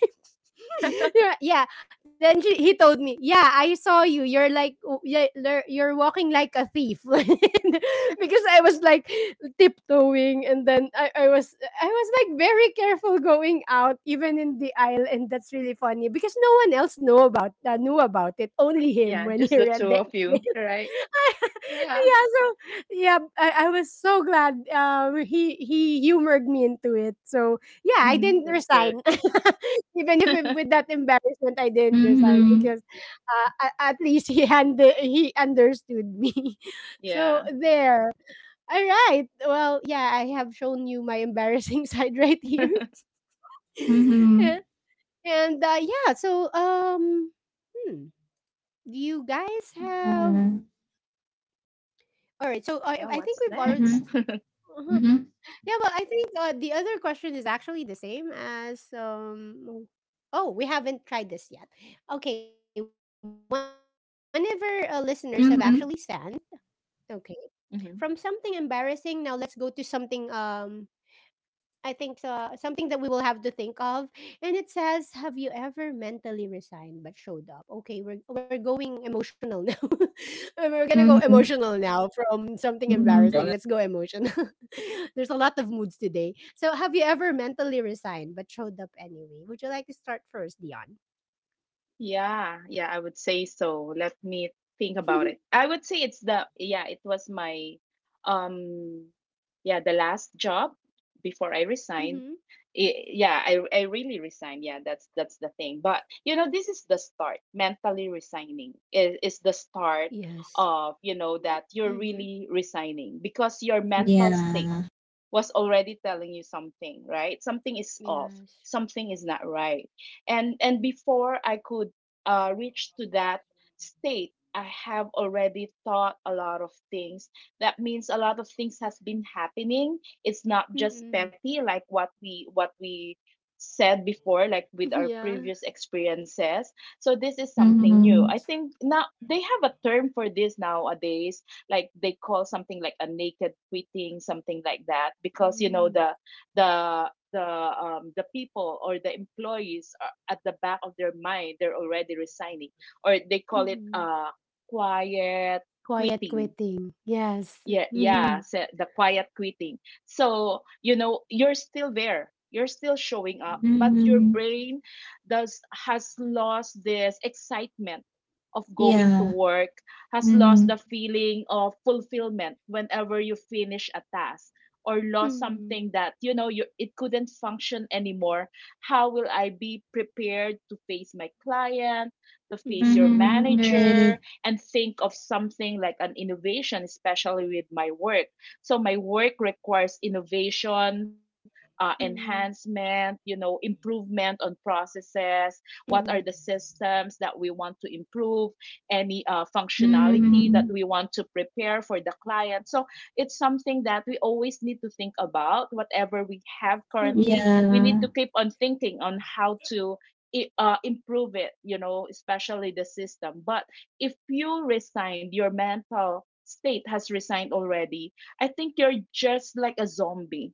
S1: (laughs) Yeah, yeah. Then he told me, "Yeah, I saw you. You're like, yeah, you're walking like a thief." (laughs) Because I was like tiptoeing, and then I was like very careful going out, even in the aisle, and that's really funny because no one else know about knew about it. Only
S2: (laughs)
S1: him
S2: Yeah,
S1: when
S2: just
S1: he
S2: the
S1: read
S2: two
S1: the
S2: of you, right. Yeah.
S1: yeah. So yeah, I was so glad he humored me into it. So yeah, I
S2: Mm-hmm.
S1: didn't
S2: That's good.
S1: resign. (laughs) Even if with that embarrassment I didn't resign because at least he understood me. (laughs)
S2: (laughs)
S1: So
S2: Yeah.
S1: there. All right. Well, yeah, I have shown you my embarrassing (laughs) side right here.
S2: (laughs)
S1: (laughs)
S3: Mm-hmm.
S1: Yeah. And yeah, so hmm, do you guys have.
S3: Uh,
S1: All right, so I,
S2: Yeah,
S1: I think
S2: what's
S1: we've
S2: next?
S3: Mm-hmm.
S1: uh-huh. Yeah, well, I think the other question is actually the same as. Oh, we haven't tried this yet. Okay, whenever listeners have actually sent,
S3: Mm-hmm.
S1: okay, from something
S2: (laughs) Mhm.
S1: embarrassing, now let's go to something I think so, something that we will have to think of. And it says, "Have you ever mentally resigned but showed up?" Okay, we're going emotional now. (laughs) We're gonna go
S3: Mm-hmm.
S1: emotional now from something
S3: Mm-hmm.
S1: embarrassing. Let's
S3: Mm-hmm.
S1: go emotional. (laughs) There's a lot of moods today. So, have you ever mentally resigned but showed up anyway? Would you like to start first, Dion?
S2: Yeah, yeah, I would say so. Let me think about
S1: (laughs)
S2: it. I would say it's the— yeah, it was my um, yeah, the last job before I resigned.
S1: Mm-hmm.
S2: I— yeah, I really resigned. Yeah, that's— that's the thing. But you know, this is the start. Mentally resigning is— is the start
S1: Yes.
S2: of, you know, that you're really
S1: Mm-hmm.
S2: resigning, because your mental state
S3: Yeah.
S2: was already telling you something, right? Something is off,
S1: Yes.
S2: something is not right. And before I could reach to that state, I have already thought a lot of things. That means a lot of things has been happening. It's not just petty
S1: Mm-mm. (laughs)
S2: like what we— what we said before, like with our previous
S1: Yeah.
S2: experiences. So this is
S3: hmm
S2: something new.
S3: hmm
S2: I think now they have a term for this nowadays, like they call something like a naked quitting, something like that. Because you know, the—
S1: Mm-hmm.
S2: the people or the employees, are at the back of their mind they're already resigning. Or they call it quiet quitting.
S1: Quiet quitting.
S2: Yeah,
S1: Yes.
S2: yeah, so
S1: Mhm.
S2: the quiet quitting. So you know, you're still there, you're still showing up, but your brain does— has lost this excitement of going to
S3: Yeah.
S2: work, has lost
S3: hmm
S2: the feeling of fulfillment whenever you finish a task, or lost something
S1: Mhm.
S2: that, you know, you it couldn't function anymore. How will I be prepared to face my client, to face your
S1: Mhm.
S3: hmm
S2: manager,
S3: Right.
S2: and think of something like an innovation, especially with my work? So my work requires innovation, enhancement, you know, improvement on processes. What
S1: Mhm.
S2: are the systems that we want to improve? Any functionality that
S3: hmm
S2: we want to prepare for the client. So it's something that we always need to think about. Whatever we have currently,
S1: Mhm.
S2: we
S1: Mhm.
S2: need
S3: Yeah.
S2: to keep on thinking on how to improve it, you know, especially the system. But if you resigned, your mental state has resigned already. I think you're just like a zombie.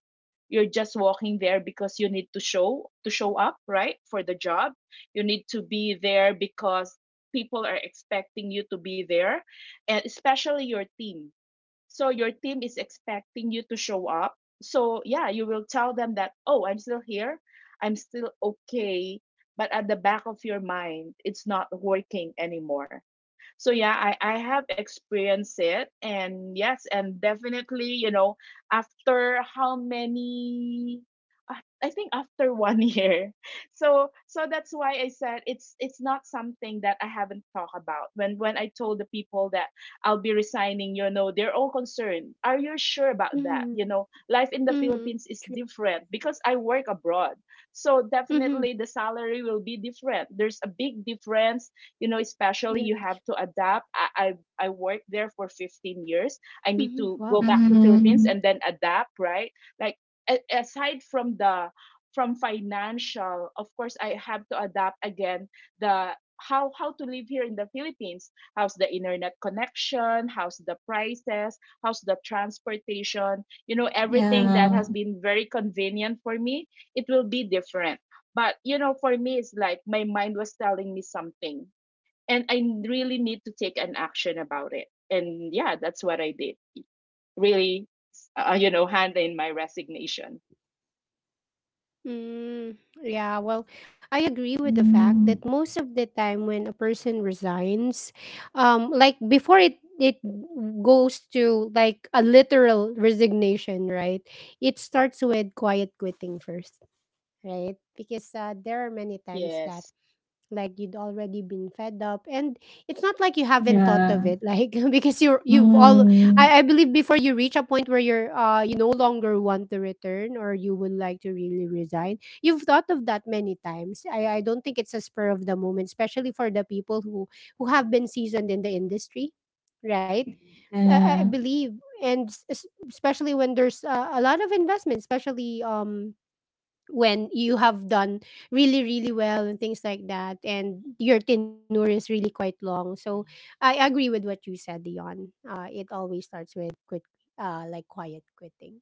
S2: You're just walking there because you need to show— to show up, right? For the job. You need to be there because people are expecting you to be there, and especially your team. So your team is expecting you to show up. So yeah, you will tell them that, "Oh, I'm still here. I'm still okay." But at the back of your mind, it's not working anymore. So yeah, I have experienced it. And yes, and definitely, you know, after how many— I think after one (laughs) year. So so that's why I said it's— it's not something that I haven't talked about. When— when I told the people that I'll be resigning, you know, they're all concerned. Are you sure about that?
S1: Mhm.
S2: You know, life in the
S1: Mhm.
S2: Philippines is
S1: True.
S2: different because I work abroad. So
S1: Mhm.
S2: definitely the salary will be different. There's a big difference, you know. Especially, you
S1: Yeah.
S2: have to adapt. I worked there for 15 years. I need
S1: Mhm.
S2: to go
S1: Wow.
S2: back to Philippines
S3: hmm
S2: and then adapt, right? Like, a- aside from the— from financial, of course, I have to adapt again. The— how to live here in the Philippines. How's the internet connection, how's the prices, how's the transportation. You know, everything that
S3: Yeah.
S2: has been very convenient for me, it will be different. But you know, for me, it's like my mind was telling me something, and I really need to take an action about it. And yeah, that's what I did. Really, you know, hand in my resignation.
S1: Mm, yeah, well, I agree with the fact
S3: hmm
S1: that most of the time when a person resigns, like before it goes to like a literal resignation, right? It starts with quiet quitting first, right? Because there are many times that
S2: Yes,
S1: like you'd already been fed up, and it's not like you haven't thought of it
S3: Yeah.
S1: like (laughs) because you've all.
S3: hmm
S1: I believe before you reach a point where you no longer want to return, or you would like to really resign. You've thought of that many times. I don't think it's a spur of the moment, especially for the people who have been seasoned in the industry, right? I
S3: Yeah.
S1: believe, and s- es- especially when there's a lot of investment, especially when you have done really really well and things like that, and your tenure is really quite long. So I agree with what you said, Dion. It always starts with quit like quiet quitting,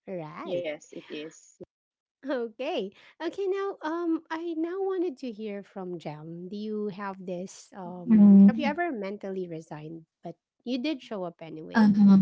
S1: right?
S2: yes, it is. Yeah,
S1: (laughs) Okay, okay, now I now wanted to hear from Jam. Do you have this have you
S3: Mm.
S1: ever mentally resigned but you did show up anyway?
S3: Uh-huh.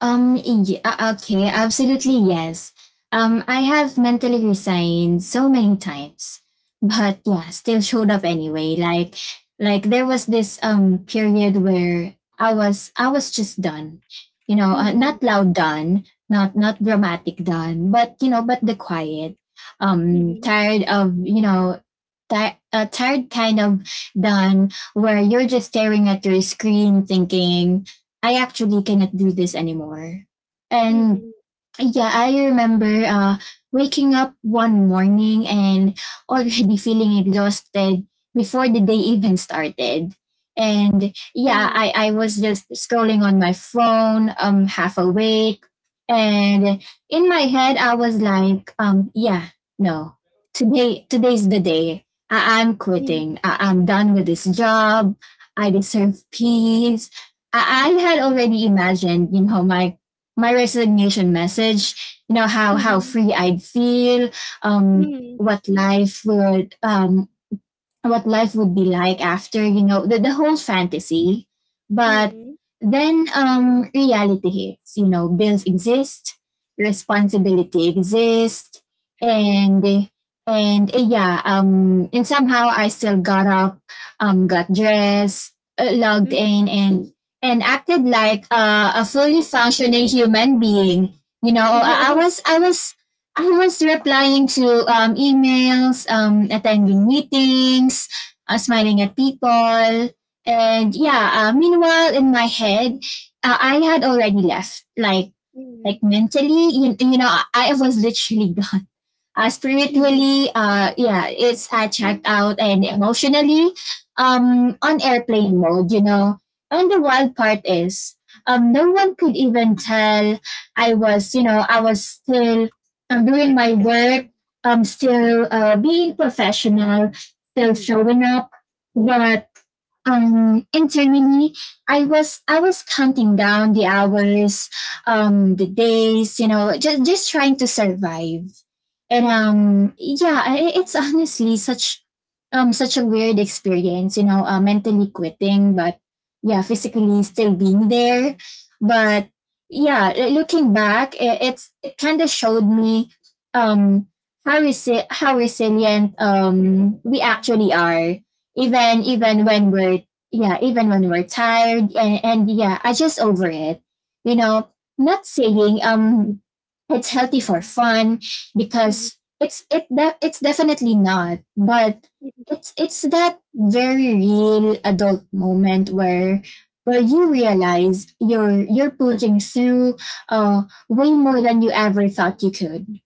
S3: Okay, absolutely yes. I have mentally resigned so many times, but yeah, still showed up anyway. Like there was this period where I was just done, you know, not
S1: Mm-hmm,
S3: loud done, not dramatic done, but you know, but the quiet.
S1: mm-hmm,
S3: Tired of you know a tired kind of done where you're just staring at your screen thinking, I actually cannot do this anymore. And
S1: mm-hmm,
S3: yeah, I remember waking up one morning and already feeling exhausted before the day even started. And
S1: mm-hmm,
S3: yeah, I was just scrolling on my phone, half awake. And in my head, I was like, yeah, no, today's the day. I'm quitting. I'm done with this job. I deserve peace. I had already imagined, you know, my resignation message, you know, how
S1: mm-hmm,
S3: free I'd feel, um,
S1: mm-hmm.
S3: what life would, um, what life would be like after, you know, the whole fantasy, but then reality hits, you know. Bills exist, responsibility exists,
S1: True.
S3: and and yeah, and somehow I still got up, got dressed, logged
S1: Hmm.
S3: in, and acted like a fully functioning human being. You know,
S1: (laughs)
S3: I was replying to emails, attending meetings, smiling at people. And yeah, meanwhile, in my head, I had already left. Like
S1: Mhm.
S3: mentally, you know, I was literally (laughs) gone,
S1: Mhm.
S3: spiritually, yeah, it's checked out, and emotionally, on airplane mode, you know. And the wild part is, no one could even tell. I was, you know, I was still doing my work, still being professional, still
S1: Mhm.
S3: showing up. But internally I was counting down the hours, the days, you know, just trying to survive. And
S1: Mhm.
S3: yeah, it's honestly such such a weird experience, you know, mentally quitting but yeah physically still being there. But yeah, looking back, it, it's it kind of showed me um how how resilient we actually are, even
S1: Yeah.
S3: even when we're yeah even when we're tired and yeah I just over it, you know. Not saying
S1: Mm.
S3: it's healthy for fun,
S1: Mhm.
S3: because it's it that it's definitely not, but
S1: Mhm.
S3: it's that very real adult moment where you realize you're pushing through way more than you ever thought you could.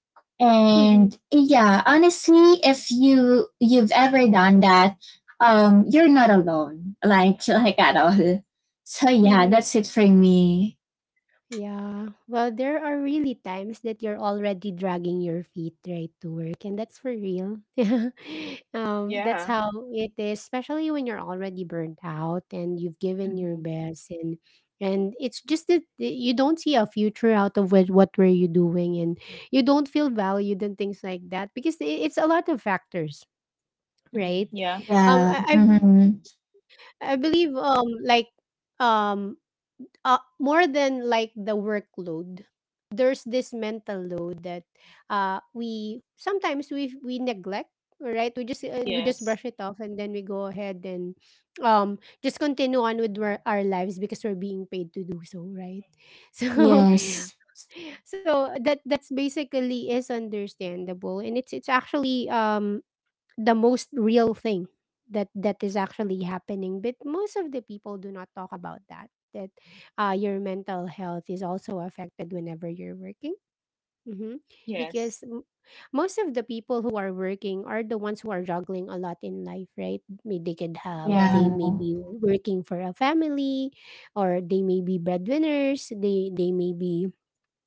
S1: Mhm.
S3: And yeah, honestly, if you you've ever done that, you're not alone. Like, (laughs) like at all. So yeah,
S1: Mhm.
S3: that's it for me.
S1: Yeah. Well, there are really times that you're already dragging your feet right to work, and that's for real. (laughs) That's
S2: yeah.
S1: how it is, especially when you're already burnt out and you've given your
S2: Mm-hmm.
S1: best, and it's just that you don't see a future out of what were you doing, and you don't feel valued and things like that because it's a lot of factors,
S2: Mm-hmm.
S1: right?
S2: Yeah.
S1: Um,
S3: Yeah.
S1: I I,
S3: hmm
S1: I believe, like um more than like the workload, there's this mental load that we sometimes we neglect, right? We just
S2: Yes.
S1: brush it off and then we go ahead and just continue on with our lives because we're being paid to do so, right? (laughs) So,
S2: Mm-hmm.
S3: Yes.
S1: so that's basically is understandable, and it's actually the most real thing, that is actually happening. But most of the people do not talk about that, your mental health is also affected whenever you're working. hmm because
S2: Yes.
S1: most of the people who are working are the ones who are juggling a lot in life, right? They could have they
S2: Yeah.
S3: Yeah.
S1: may be working for a family, or they may be breadwinners, they may be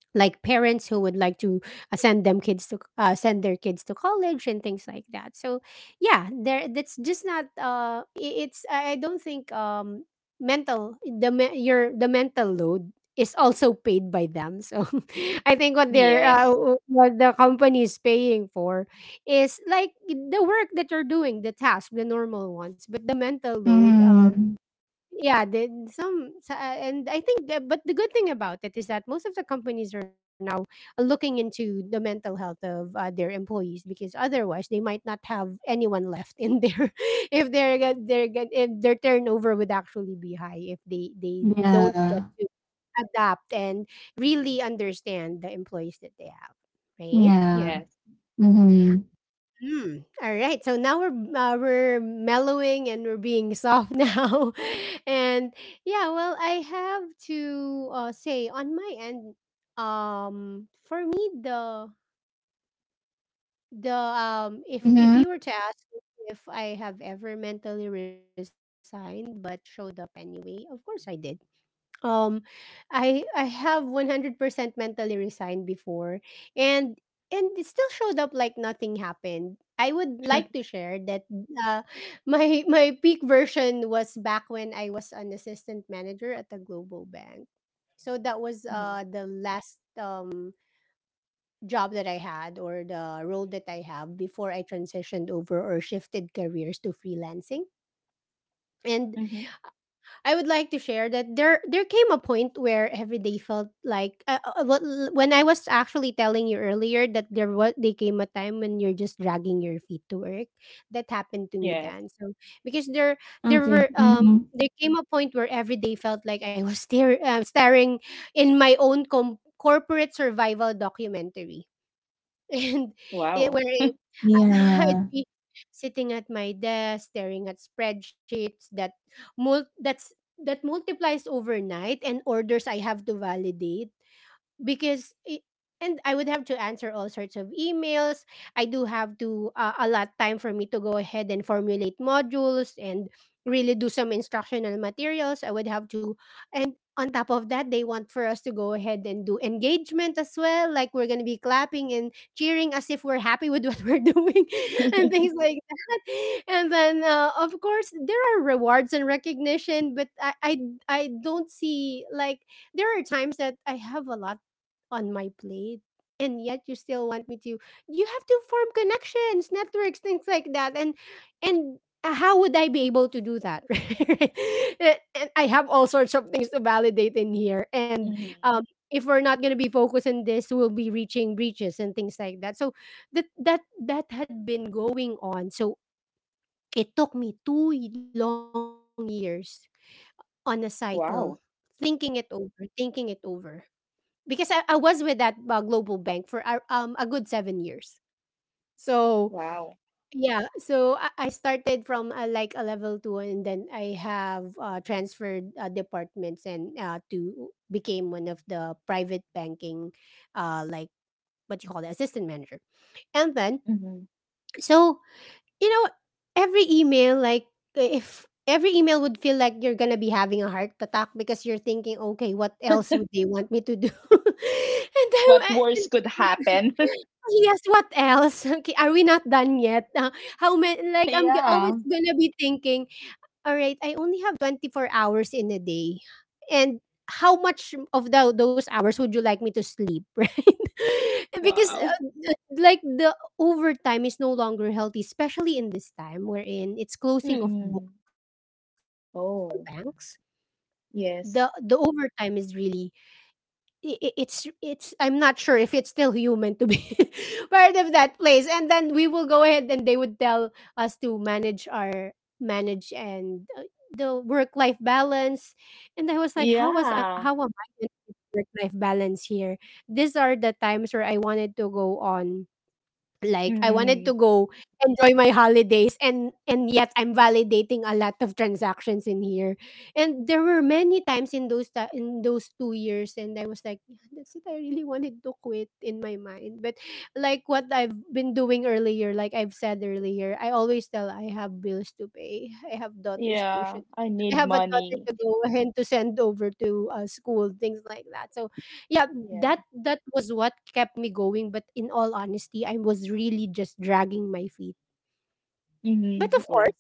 S1: like parents who would like to send their kids to college and things like that. So yeah, there that's just not. It's I don't think mental the me- your the mental load is also paid by them, so. (laughs) I think what they're
S2: Yes.
S1: what the company is paying for is like the work that you're doing, the task, the normal ones, but the mental load.
S3: hmm
S1: Yeah, and I think that. But the good thing about it is that most of the companies are now looking into the mental health of their employees, because otherwise they might not have anyone left in there. (laughs) If they're if their turnover would actually be high, if they don't get
S3: Yeah.
S1: to adapt and really understand the employees that they have, right?
S3: Yeah.
S2: Yes.
S3: hmm
S1: Mm, all right. So now we're mellowing, and we're being soft (laughs) now, and yeah. Well, I have to say on my end, for me the if
S3: hmm
S1: you were to ask me if I have ever mentally resigned but showed up anyway, of course I did. Um I have 100% mentally resigned before, and it still showed up like nothing happened. I would like to share that uh, my (laughs) my peak version was back when I was an assistant manager at a global bank. So that was
S2: Mm-hmm.
S1: the last job that I had, or the role that I have before I transitioned over or shifted careers to freelancing.
S2: Mm-hmm.
S1: And I would like to share that there came a point where every day felt like when I was actually telling you earlier that there was they came a time when you're just dragging your feet to work. That happened to me
S2: Yes.
S1: then. So because there
S3: Okay.
S1: were um
S3: hmm
S1: there came a point where every day felt like I was (laughs) staring in my own corporate survival documentary. (laughs) And
S2: Wow.
S1: where (laughs) I'd
S3: Yeah.
S1: be sitting at my desk staring at spreadsheets that mul- that's that multiplies overnight, and orders I have to validate because I and I would have to answer all sorts of emails. I do have to allot time for me to go ahead and formulate modules and really do some instructional materials. I would have to. And on top of that, they want for us to go ahead and do engagement as well. Like we're gonna be clapping and cheering as if we're happy with what we're (laughs) doing and things
S2: (laughs)
S1: like that. And then, of course, there are rewards and recognition, but I don't see like there are times that I have a lot on my plate, and yet you still want me to You have to form connections, networks, things like that. And and how would I be able to do that, (laughs) right? And I have all sorts of things to validate in here, and
S2: Mm-hmm.
S1: um if we're not going to be focused on this, we'll be reaching breaches and things like that. So that had been going on. So it took me two long years on a cycle,
S2: Wow.
S1: thinking it over, thinking it over, because I was with that global bank for a good 7 years. So
S2: Wow.
S1: yeah, so I started from like a level two, and then I have transferred departments, and to became one of the private banking, like what you call the assistant manager. And then,
S2: Mm-hmm.
S1: so you know every email, like if every email would feel like you're gonna be having a heart attack because you're thinking, okay, what else would they want me to do? (laughs) And
S2: What
S1: I,
S2: worse could happen? (laughs)
S1: oh, yes, what else? (laughs) Okay, are we not done yet? (laughs) How many? Like, I'm always
S2: Yeah.
S1: gonna be thinking, all right, I only have 24 hours in a day. And how much of those hours would you like me to sleep, (laughs) right? (laughs) Because,
S2: Wow.
S1: like, the overtime is no longer healthy, especially in this time wherein it's closing of
S2: Mm-mm.
S1: books for banks.
S2: Oh,
S1: The overtime
S2: yes.
S1: is really I- it's I'm not sure if it's still human to be (laughs) part of that place, and then we will go ahead, and they would tell us to manage our manage and the work life balance. And I was like, how was
S2: Yeah.
S1: how am I going to work life balance here? These are the times where I wanted to go on like I wanted to
S2: Mm-mm.
S1: go enjoy my holidays, and yet I'm validating a lot of transactions in here. And there were many times in in those 2 years, and I was like, "Yeah, that's it. I really wanted to quit in my mind." But like what I've been doing earlier, like I've said earlier, I always tell, I have bills to pay, I have daughter's
S2: Yeah.
S1: tuition.
S2: I
S1: I
S2: need
S1: have a daughter
S2: money.
S1: to go (laughs) and to send over to school, things like that. So yeah,
S2: Yeah.
S1: that was what kept me going, but in all honesty, I was really just dragging my feet. But
S2: Mm-hmm.
S1: of
S2: Yeah.
S1: course,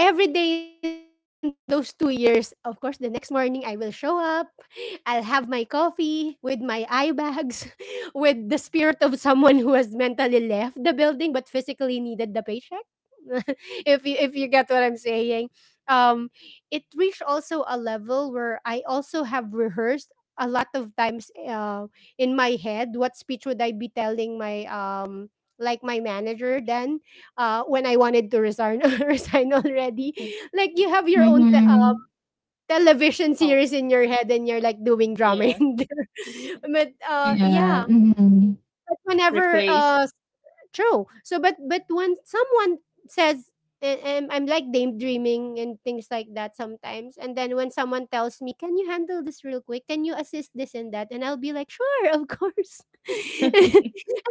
S1: every day in those 2 years, of course, the next morning I will show up. I'll have my coffee with my eye bags, (laughs) with the spirit of someone who has mentally left the building but physically needed the paycheck. (laughs) If you get what I'm saying. um, it reached also a level where I also have rehearsed a lot of times in my head what speech would I be telling my like my manager then, when I wanted to resign, (laughs) resign already.
S2: Mm.
S1: Like you have your own
S3: hmm
S1: television
S2: Oh,
S1: series in your head, and you're like doing drama (laughs)
S2: yes.
S1: in there. But
S3: Yeah.
S1: yeah,
S3: hmm hmm
S1: but whenever
S2: Replace.
S1: true. So, but when someone says, and I'm like daydreaming and things like that sometimes, and then when someone tells me, "Can you handle this real quick? Can you assist this and that?" And I'll be like, "Sure, of course." (laughs) And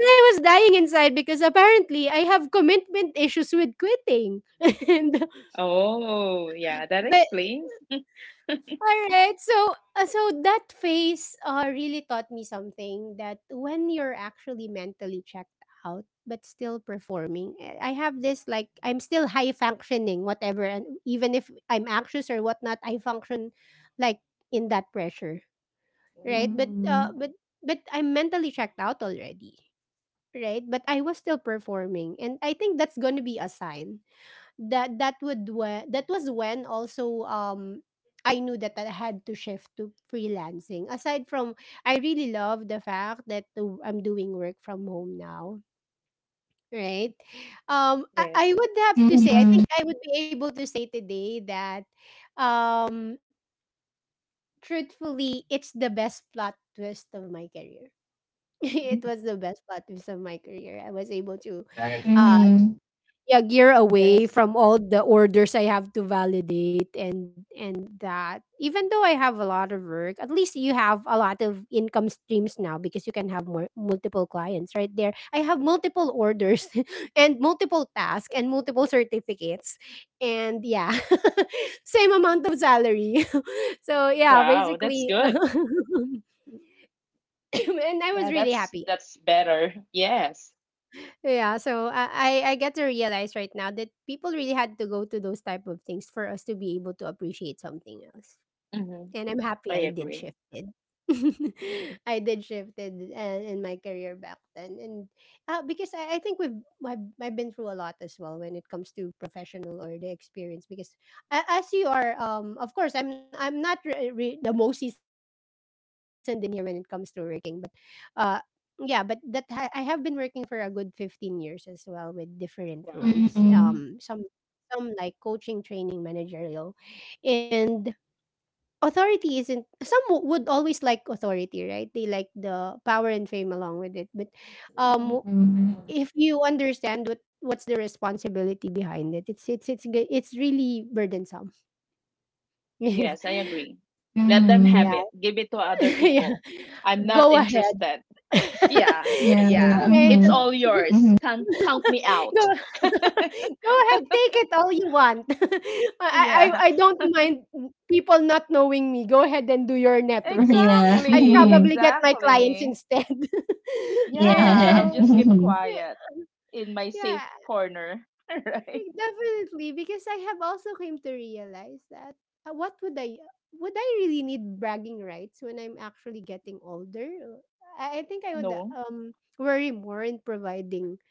S1: I was dying inside because apparently I have commitment issues with quitting. (laughs) and
S2: Oh, yeah, that
S1: but
S2: explains.
S1: Alright, so that phase really taught me something: that when you're actually mentally checked out but still performing, I have this, like, I'm still high functioning, whatever, and even if I'm anxious or whatnot, I function like in that pressure, right? But I'm mentally checked out already, right? But I was still performing, and I think that's gonna be a sign that was when also I knew that I had to shift to freelancing. Aside from, I really love the fact that I'm doing work from home now, right? Um I,
S2: Yes.
S1: I would have to say, I
S3: hmm
S1: think I would be able to say today that um truthfully, it's the best plot twist of my career. (laughs) It
S2: Mm.
S1: was the best plot twist of my career. I was able to uh yeah, gear away
S2: Yes.
S1: from all the orders I have to validate. And that even though I have a lot of work, at least you have a lot of income streams now because you can have more multiple clients. Right, there I have multiple orders (laughs) and multiple tasks and multiple certificates, and yeah, (laughs) same amount of salary. (laughs) So yeah,
S2: Wow, that's
S1: basically. (laughs)
S2: good.
S1: And I was
S2: Yeah,
S1: really
S2: that's—
S1: happy.
S2: that's better. Yes.
S1: Yeah, so I get to realize right now that people really had to go to those type of things for us to be able to appreciate something else.
S2: Mm-hmm.
S1: And I'm happy
S2: I
S1: I did
S2: agree.
S1: shifted. (laughs) I did shifted in my career back then. And because I think I've been through a lot as well when it comes to professional or the experience. Because as you are, of course, I'm not the most seasoned in here when it comes to working. But uh, yeah, but I have been working for a good 15 years as well with different roles.
S3: hmm
S2: Wow.
S3: hmm
S1: Some
S3: hmm
S1: some like coaching, training, managerial, and authority isn't — would always like authority, right? They like the power and fame along with it. But um if you understand what's the responsibility behind it, it's really burdensome. (laughs) Yeah.
S2: Yes, I agree. Let them have it. Give it to
S1: (laughs)
S2: other
S1: Yeah,
S2: people. I'm not
S1: go ahead.
S2: interested. Yeah.
S1: (laughs)
S3: Yeah.
S2: Yeah.
S1: Right.
S2: It's
S3: hmm
S2: all yours.
S3: hmm
S2: Count— count me
S1: Go
S2: out. (laughs)
S1: (laughs) go ahead, take it all you want. (laughs) I, I
S2: Yeah,
S1: I don't mind people not knowing me. Go ahead and do your network.
S3: Yeah.
S1: (laughs) I'd
S2: exactly,
S3: (laughs)
S1: probably get my clients
S2: exactly.
S1: instead. (laughs) Right,
S2: Yeah, I'll
S3: Yeah. (laughs)
S1: so
S2: just keep
S3: yeah.
S1: yeah,
S2: quiet in my safe
S1: yeah,
S2: corner, (laughs) right?
S1: definitely, because I have also came to realize that, what would I really need bragging rights when I'm actually getting older? I think I would
S2: No.
S1: worry more in providing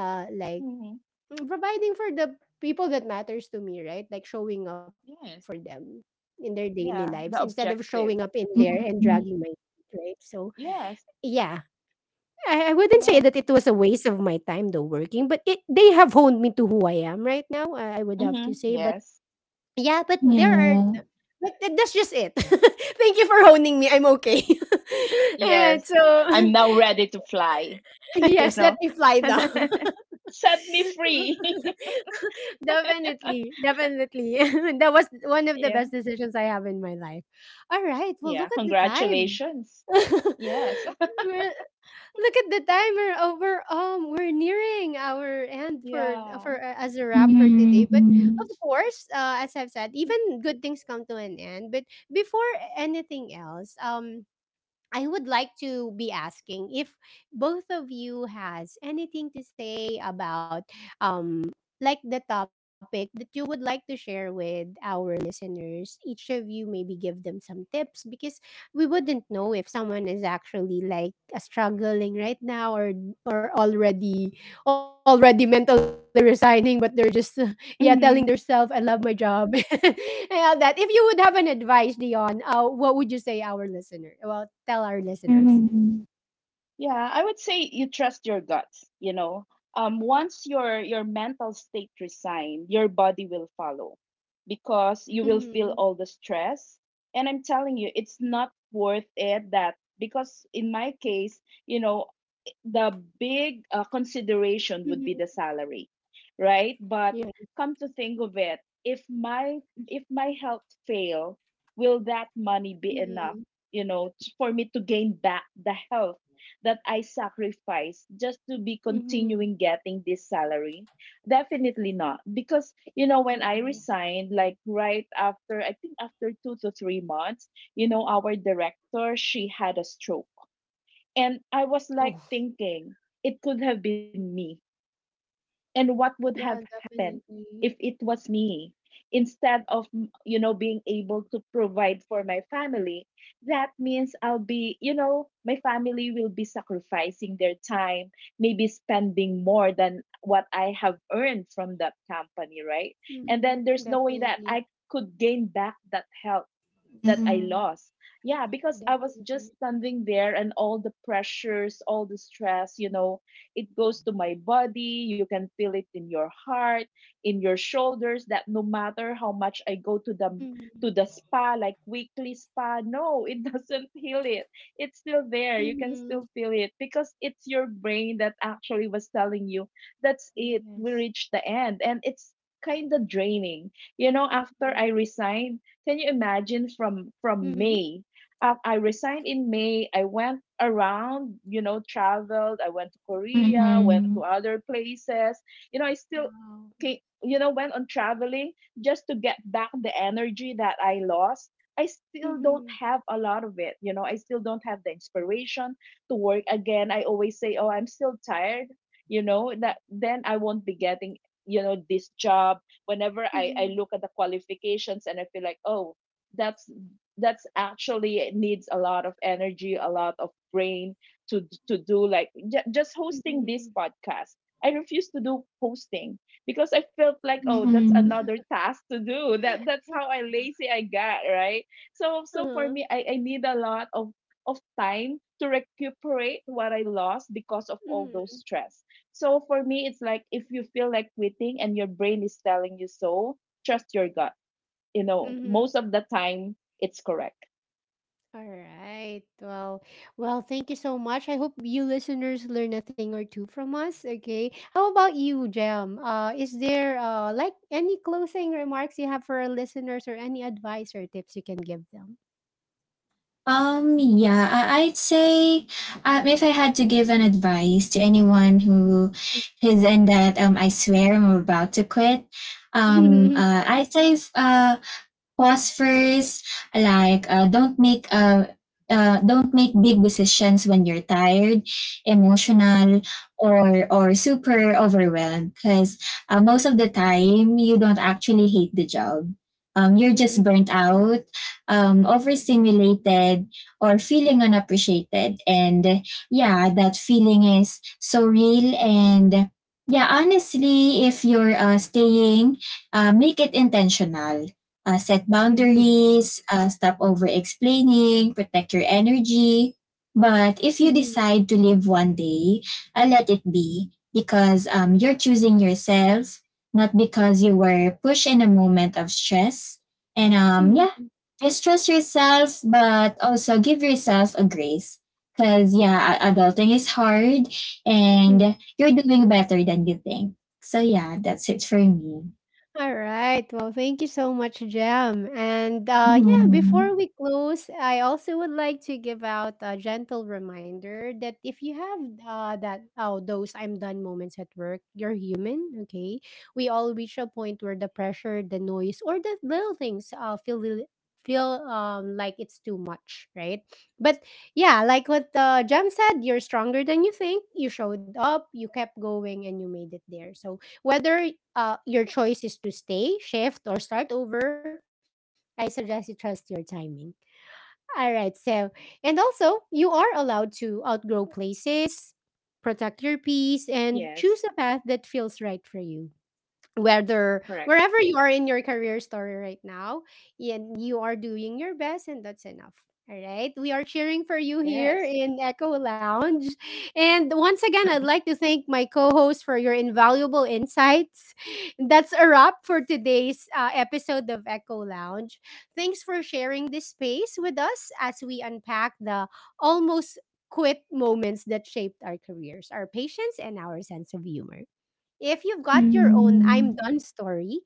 S1: like
S2: Hmm.
S1: Providing for the people that matters to me, right? Like showing up for
S2: Yes.
S1: them in their daily lives
S2: Yeah,
S1: instead of
S2: the
S1: showing up in
S2: objective.
S1: there and dragging my feet, right? So
S2: Yes.
S1: yeah, I wouldn't say
S2: Yeah.
S1: that it was a waste of my time though working, but it they have honed me to who I am right now. I would have
S2: Hmm.
S1: to say. But
S2: Yes.
S1: yeah, but there are, but that's just it. (laughs) Thank you for honing me. I'm okay. (laughs) All right,
S2: Yes.
S1: so
S2: I'm now ready to fly,
S1: (laughs)
S2: (laughs) you
S1: yes,
S2: know.
S1: let me fly
S2: (laughs)
S1: now. (laughs)
S2: Set me free. (laughs)
S1: (laughs) Definitely, definitely. (laughs) That was one of the
S2: Yeah.
S1: best decisions I have in my life. All right. Well,
S2: Yeah.
S1: look at the time.
S2: Congratulations. Yes.
S1: (laughs) We're- Look at the time. We're over. We're nearing our end for for
S2: Yeah.
S1: uh, as a wrap for today. But of course, as I've said, even good things come to an end. But before anything else, I would like to be asking if both of you has anything to say about um like the topic that you would like to share with our listeners. Each of you maybe give them some tips because we wouldn't know if someone is actually like struggling right now, or or already already mentally resigning, but they're just (laughs) yeah, telling themselves, "I
S2: Hmm.
S1: love my job." (laughs) And all that. If you would have an advice, Dion, what would you say our listener? Well, tell our listeners.
S2: Yeah, I would say you trust your guts, you know. Once your— your mental state resigned, your body will follow, because you will
S1: Mm-hmm.
S2: feel all the stress. And I'm telling you, it's not worth it. That because in my case, you know, the big
S1: Mm-hmm.
S2: consideration would be the salary, right?
S1: Yeah.
S2: But come to think of it, if my— if my health fail, will that money be
S1: Mm-hmm.
S2: enough, you know, for me to gain back the health that I sacrificed just to be
S1: Mm-hmm.
S2: continuing getting this salary? Definitely not. Because, you know, when I
S1: Yes.
S2: resigned, like right after, I think after 2 to 3 months, you know, our director, she had a stroke. And I was
S1: Oh.
S2: like thinking, it could have been me. And what would
S1: Yeah,
S2: have happened
S1: definitely.
S2: if it was me? Instead of, you know, being able to provide for my family. That means I'll be, you know, my family will be sacrificing their time, maybe spending more than what I have earned from that company, right? And
S1: Mm-hmm.
S2: then there's no way that
S1: Definitely.
S2: I could gain back that help that I lost. Yeah, because I was
S1: Definitely.
S2: just standing there and all the pressures, all the stress, you know, it goes to my body. You can feel it in your heart, in your shoulders, that no matter how much I go to the— to the
S1: Mm-hmm.
S2: spa, like weekly spa, no, it (laughs) doesn't heal it. It's still there. You can
S1: Mm-hmm.
S2: still feel it, because it's your brain that actually was telling you that's it. We
S1: Yes.
S2: reached the end, and it's kind of draining. You know, after
S1: Mm-hmm.
S2: I resigned, can you
S1: Mm-hmm.
S2: imagine, from— from May? I resigned in May. I went around, you know, traveled. I went to Korea, went to other places. You know, I still—
S1: Wow.
S2: you know, went on traveling just to get back the energy that I lost. I still
S1: Mm-hmm.
S2: don't have a lot of it. You know, I still don't have the inspiration to work again. I always say, oh, I'm still tired. You know, that then I won't be getting, you know, this job. Whenever I
S1: Mm-hmm.
S2: look at the qualifications and I feel like, oh, that's— that's actually— it needs a lot of energy, a lot of brain, to— to do like just hosting
S1: Mm-hmm.
S2: this podcast. I refuse to do hosting because I felt like, oh, that's another task to do. That— that's how I lazy I got, right? So, so for
S1: Uh-huh.
S2: me, I need a lot of— of time to recuperate what I lost because of all
S1: Mm-hmm.
S2: those stress. So for me, it's like, if you feel like quitting and your brain is telling you so, trust your gut. You know,
S1: Mm-hmm.
S2: most of the time, it's correct.
S1: All right. Well, thank you so much. I hope you listeners learn a thing or two from us. Okay, how about you, Jam? Is there like any closing remarks you have for our listeners or any advice or tips you can give them?
S3: Yeah, I'd say if I had to give an advice to anyone who is in that, I swear I'm about to quit,
S1: (laughs)
S3: I'd say pause first, like don't make big decisions when you're tired,
S1: Mhm.
S3: emotional, or super overwhelmed, because most of the time you don't actually hate the job, you're just
S1: Mhm.
S3: burnt out, overstimulated, or feeling unappreciated, and yeah, that feeling is so real. And yeah, honestly, if you're staying, make it intentional. Set
S1: Mhm.
S3: boundaries, stop over explaining, protect your energy. But if you
S1: Mhm.
S3: decide to live one day, let it be because you're choosing yourself, not because you were pushed in a moment of stress. And yeah,
S1: Mhm.
S3: just trust yourself, but also give yourself a grace. Because yeah, adulting is hard
S1: Mhm.
S3: and you're doing better than you think. So yeah, that's it for me.
S1: All right. Well, thank you so much, Jam. And yeah, before we
S3: (laughs)
S1: close, I also would like to give out a gentle reminder that if you have that oh those "I'm done" moments at work, you're human. Okay, we all reach a point where the pressure, the noise, or the little things feel like it's too much, right? But yeah, like what Jam said, you're stronger than you think. You showed up, you kept going, and you made it there. So whether your choice is to stay, shift, or start over, I suggest you trust your timing. All right, so, and also, you are allowed to outgrow places, protect your peace,
S2: Yes,
S1: and choose a path that feels right for you, whether
S2: correct.
S1: wherever you are in your career story right now. And you are doing your best, and that's enough. All right, we are cheering for you
S2: Yes.
S1: here in Echo Lounge. And once again, I'd
S2: (laughs)
S1: like to thank my co-host for your invaluable insights. That's a wrap for today's episode of Echo Lounge. Thanks for sharing this space with us as we unpack the almost quit moments that shaped our careers, our patience, and our sense of humor. If you've got your own "I'm
S3: Mm.
S1: done" story,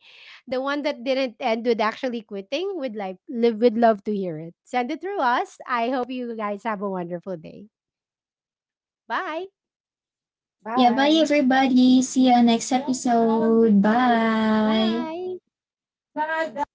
S1: the one that didn't end with actually quitting, would like live would love to hear it. Send it through us. I hope you guys have a wonderful day. Bye.
S3: Yeah,
S2: Bye.
S3: bye everybody. See you on next episode. Bye.
S1: Bye.
S3: Bye.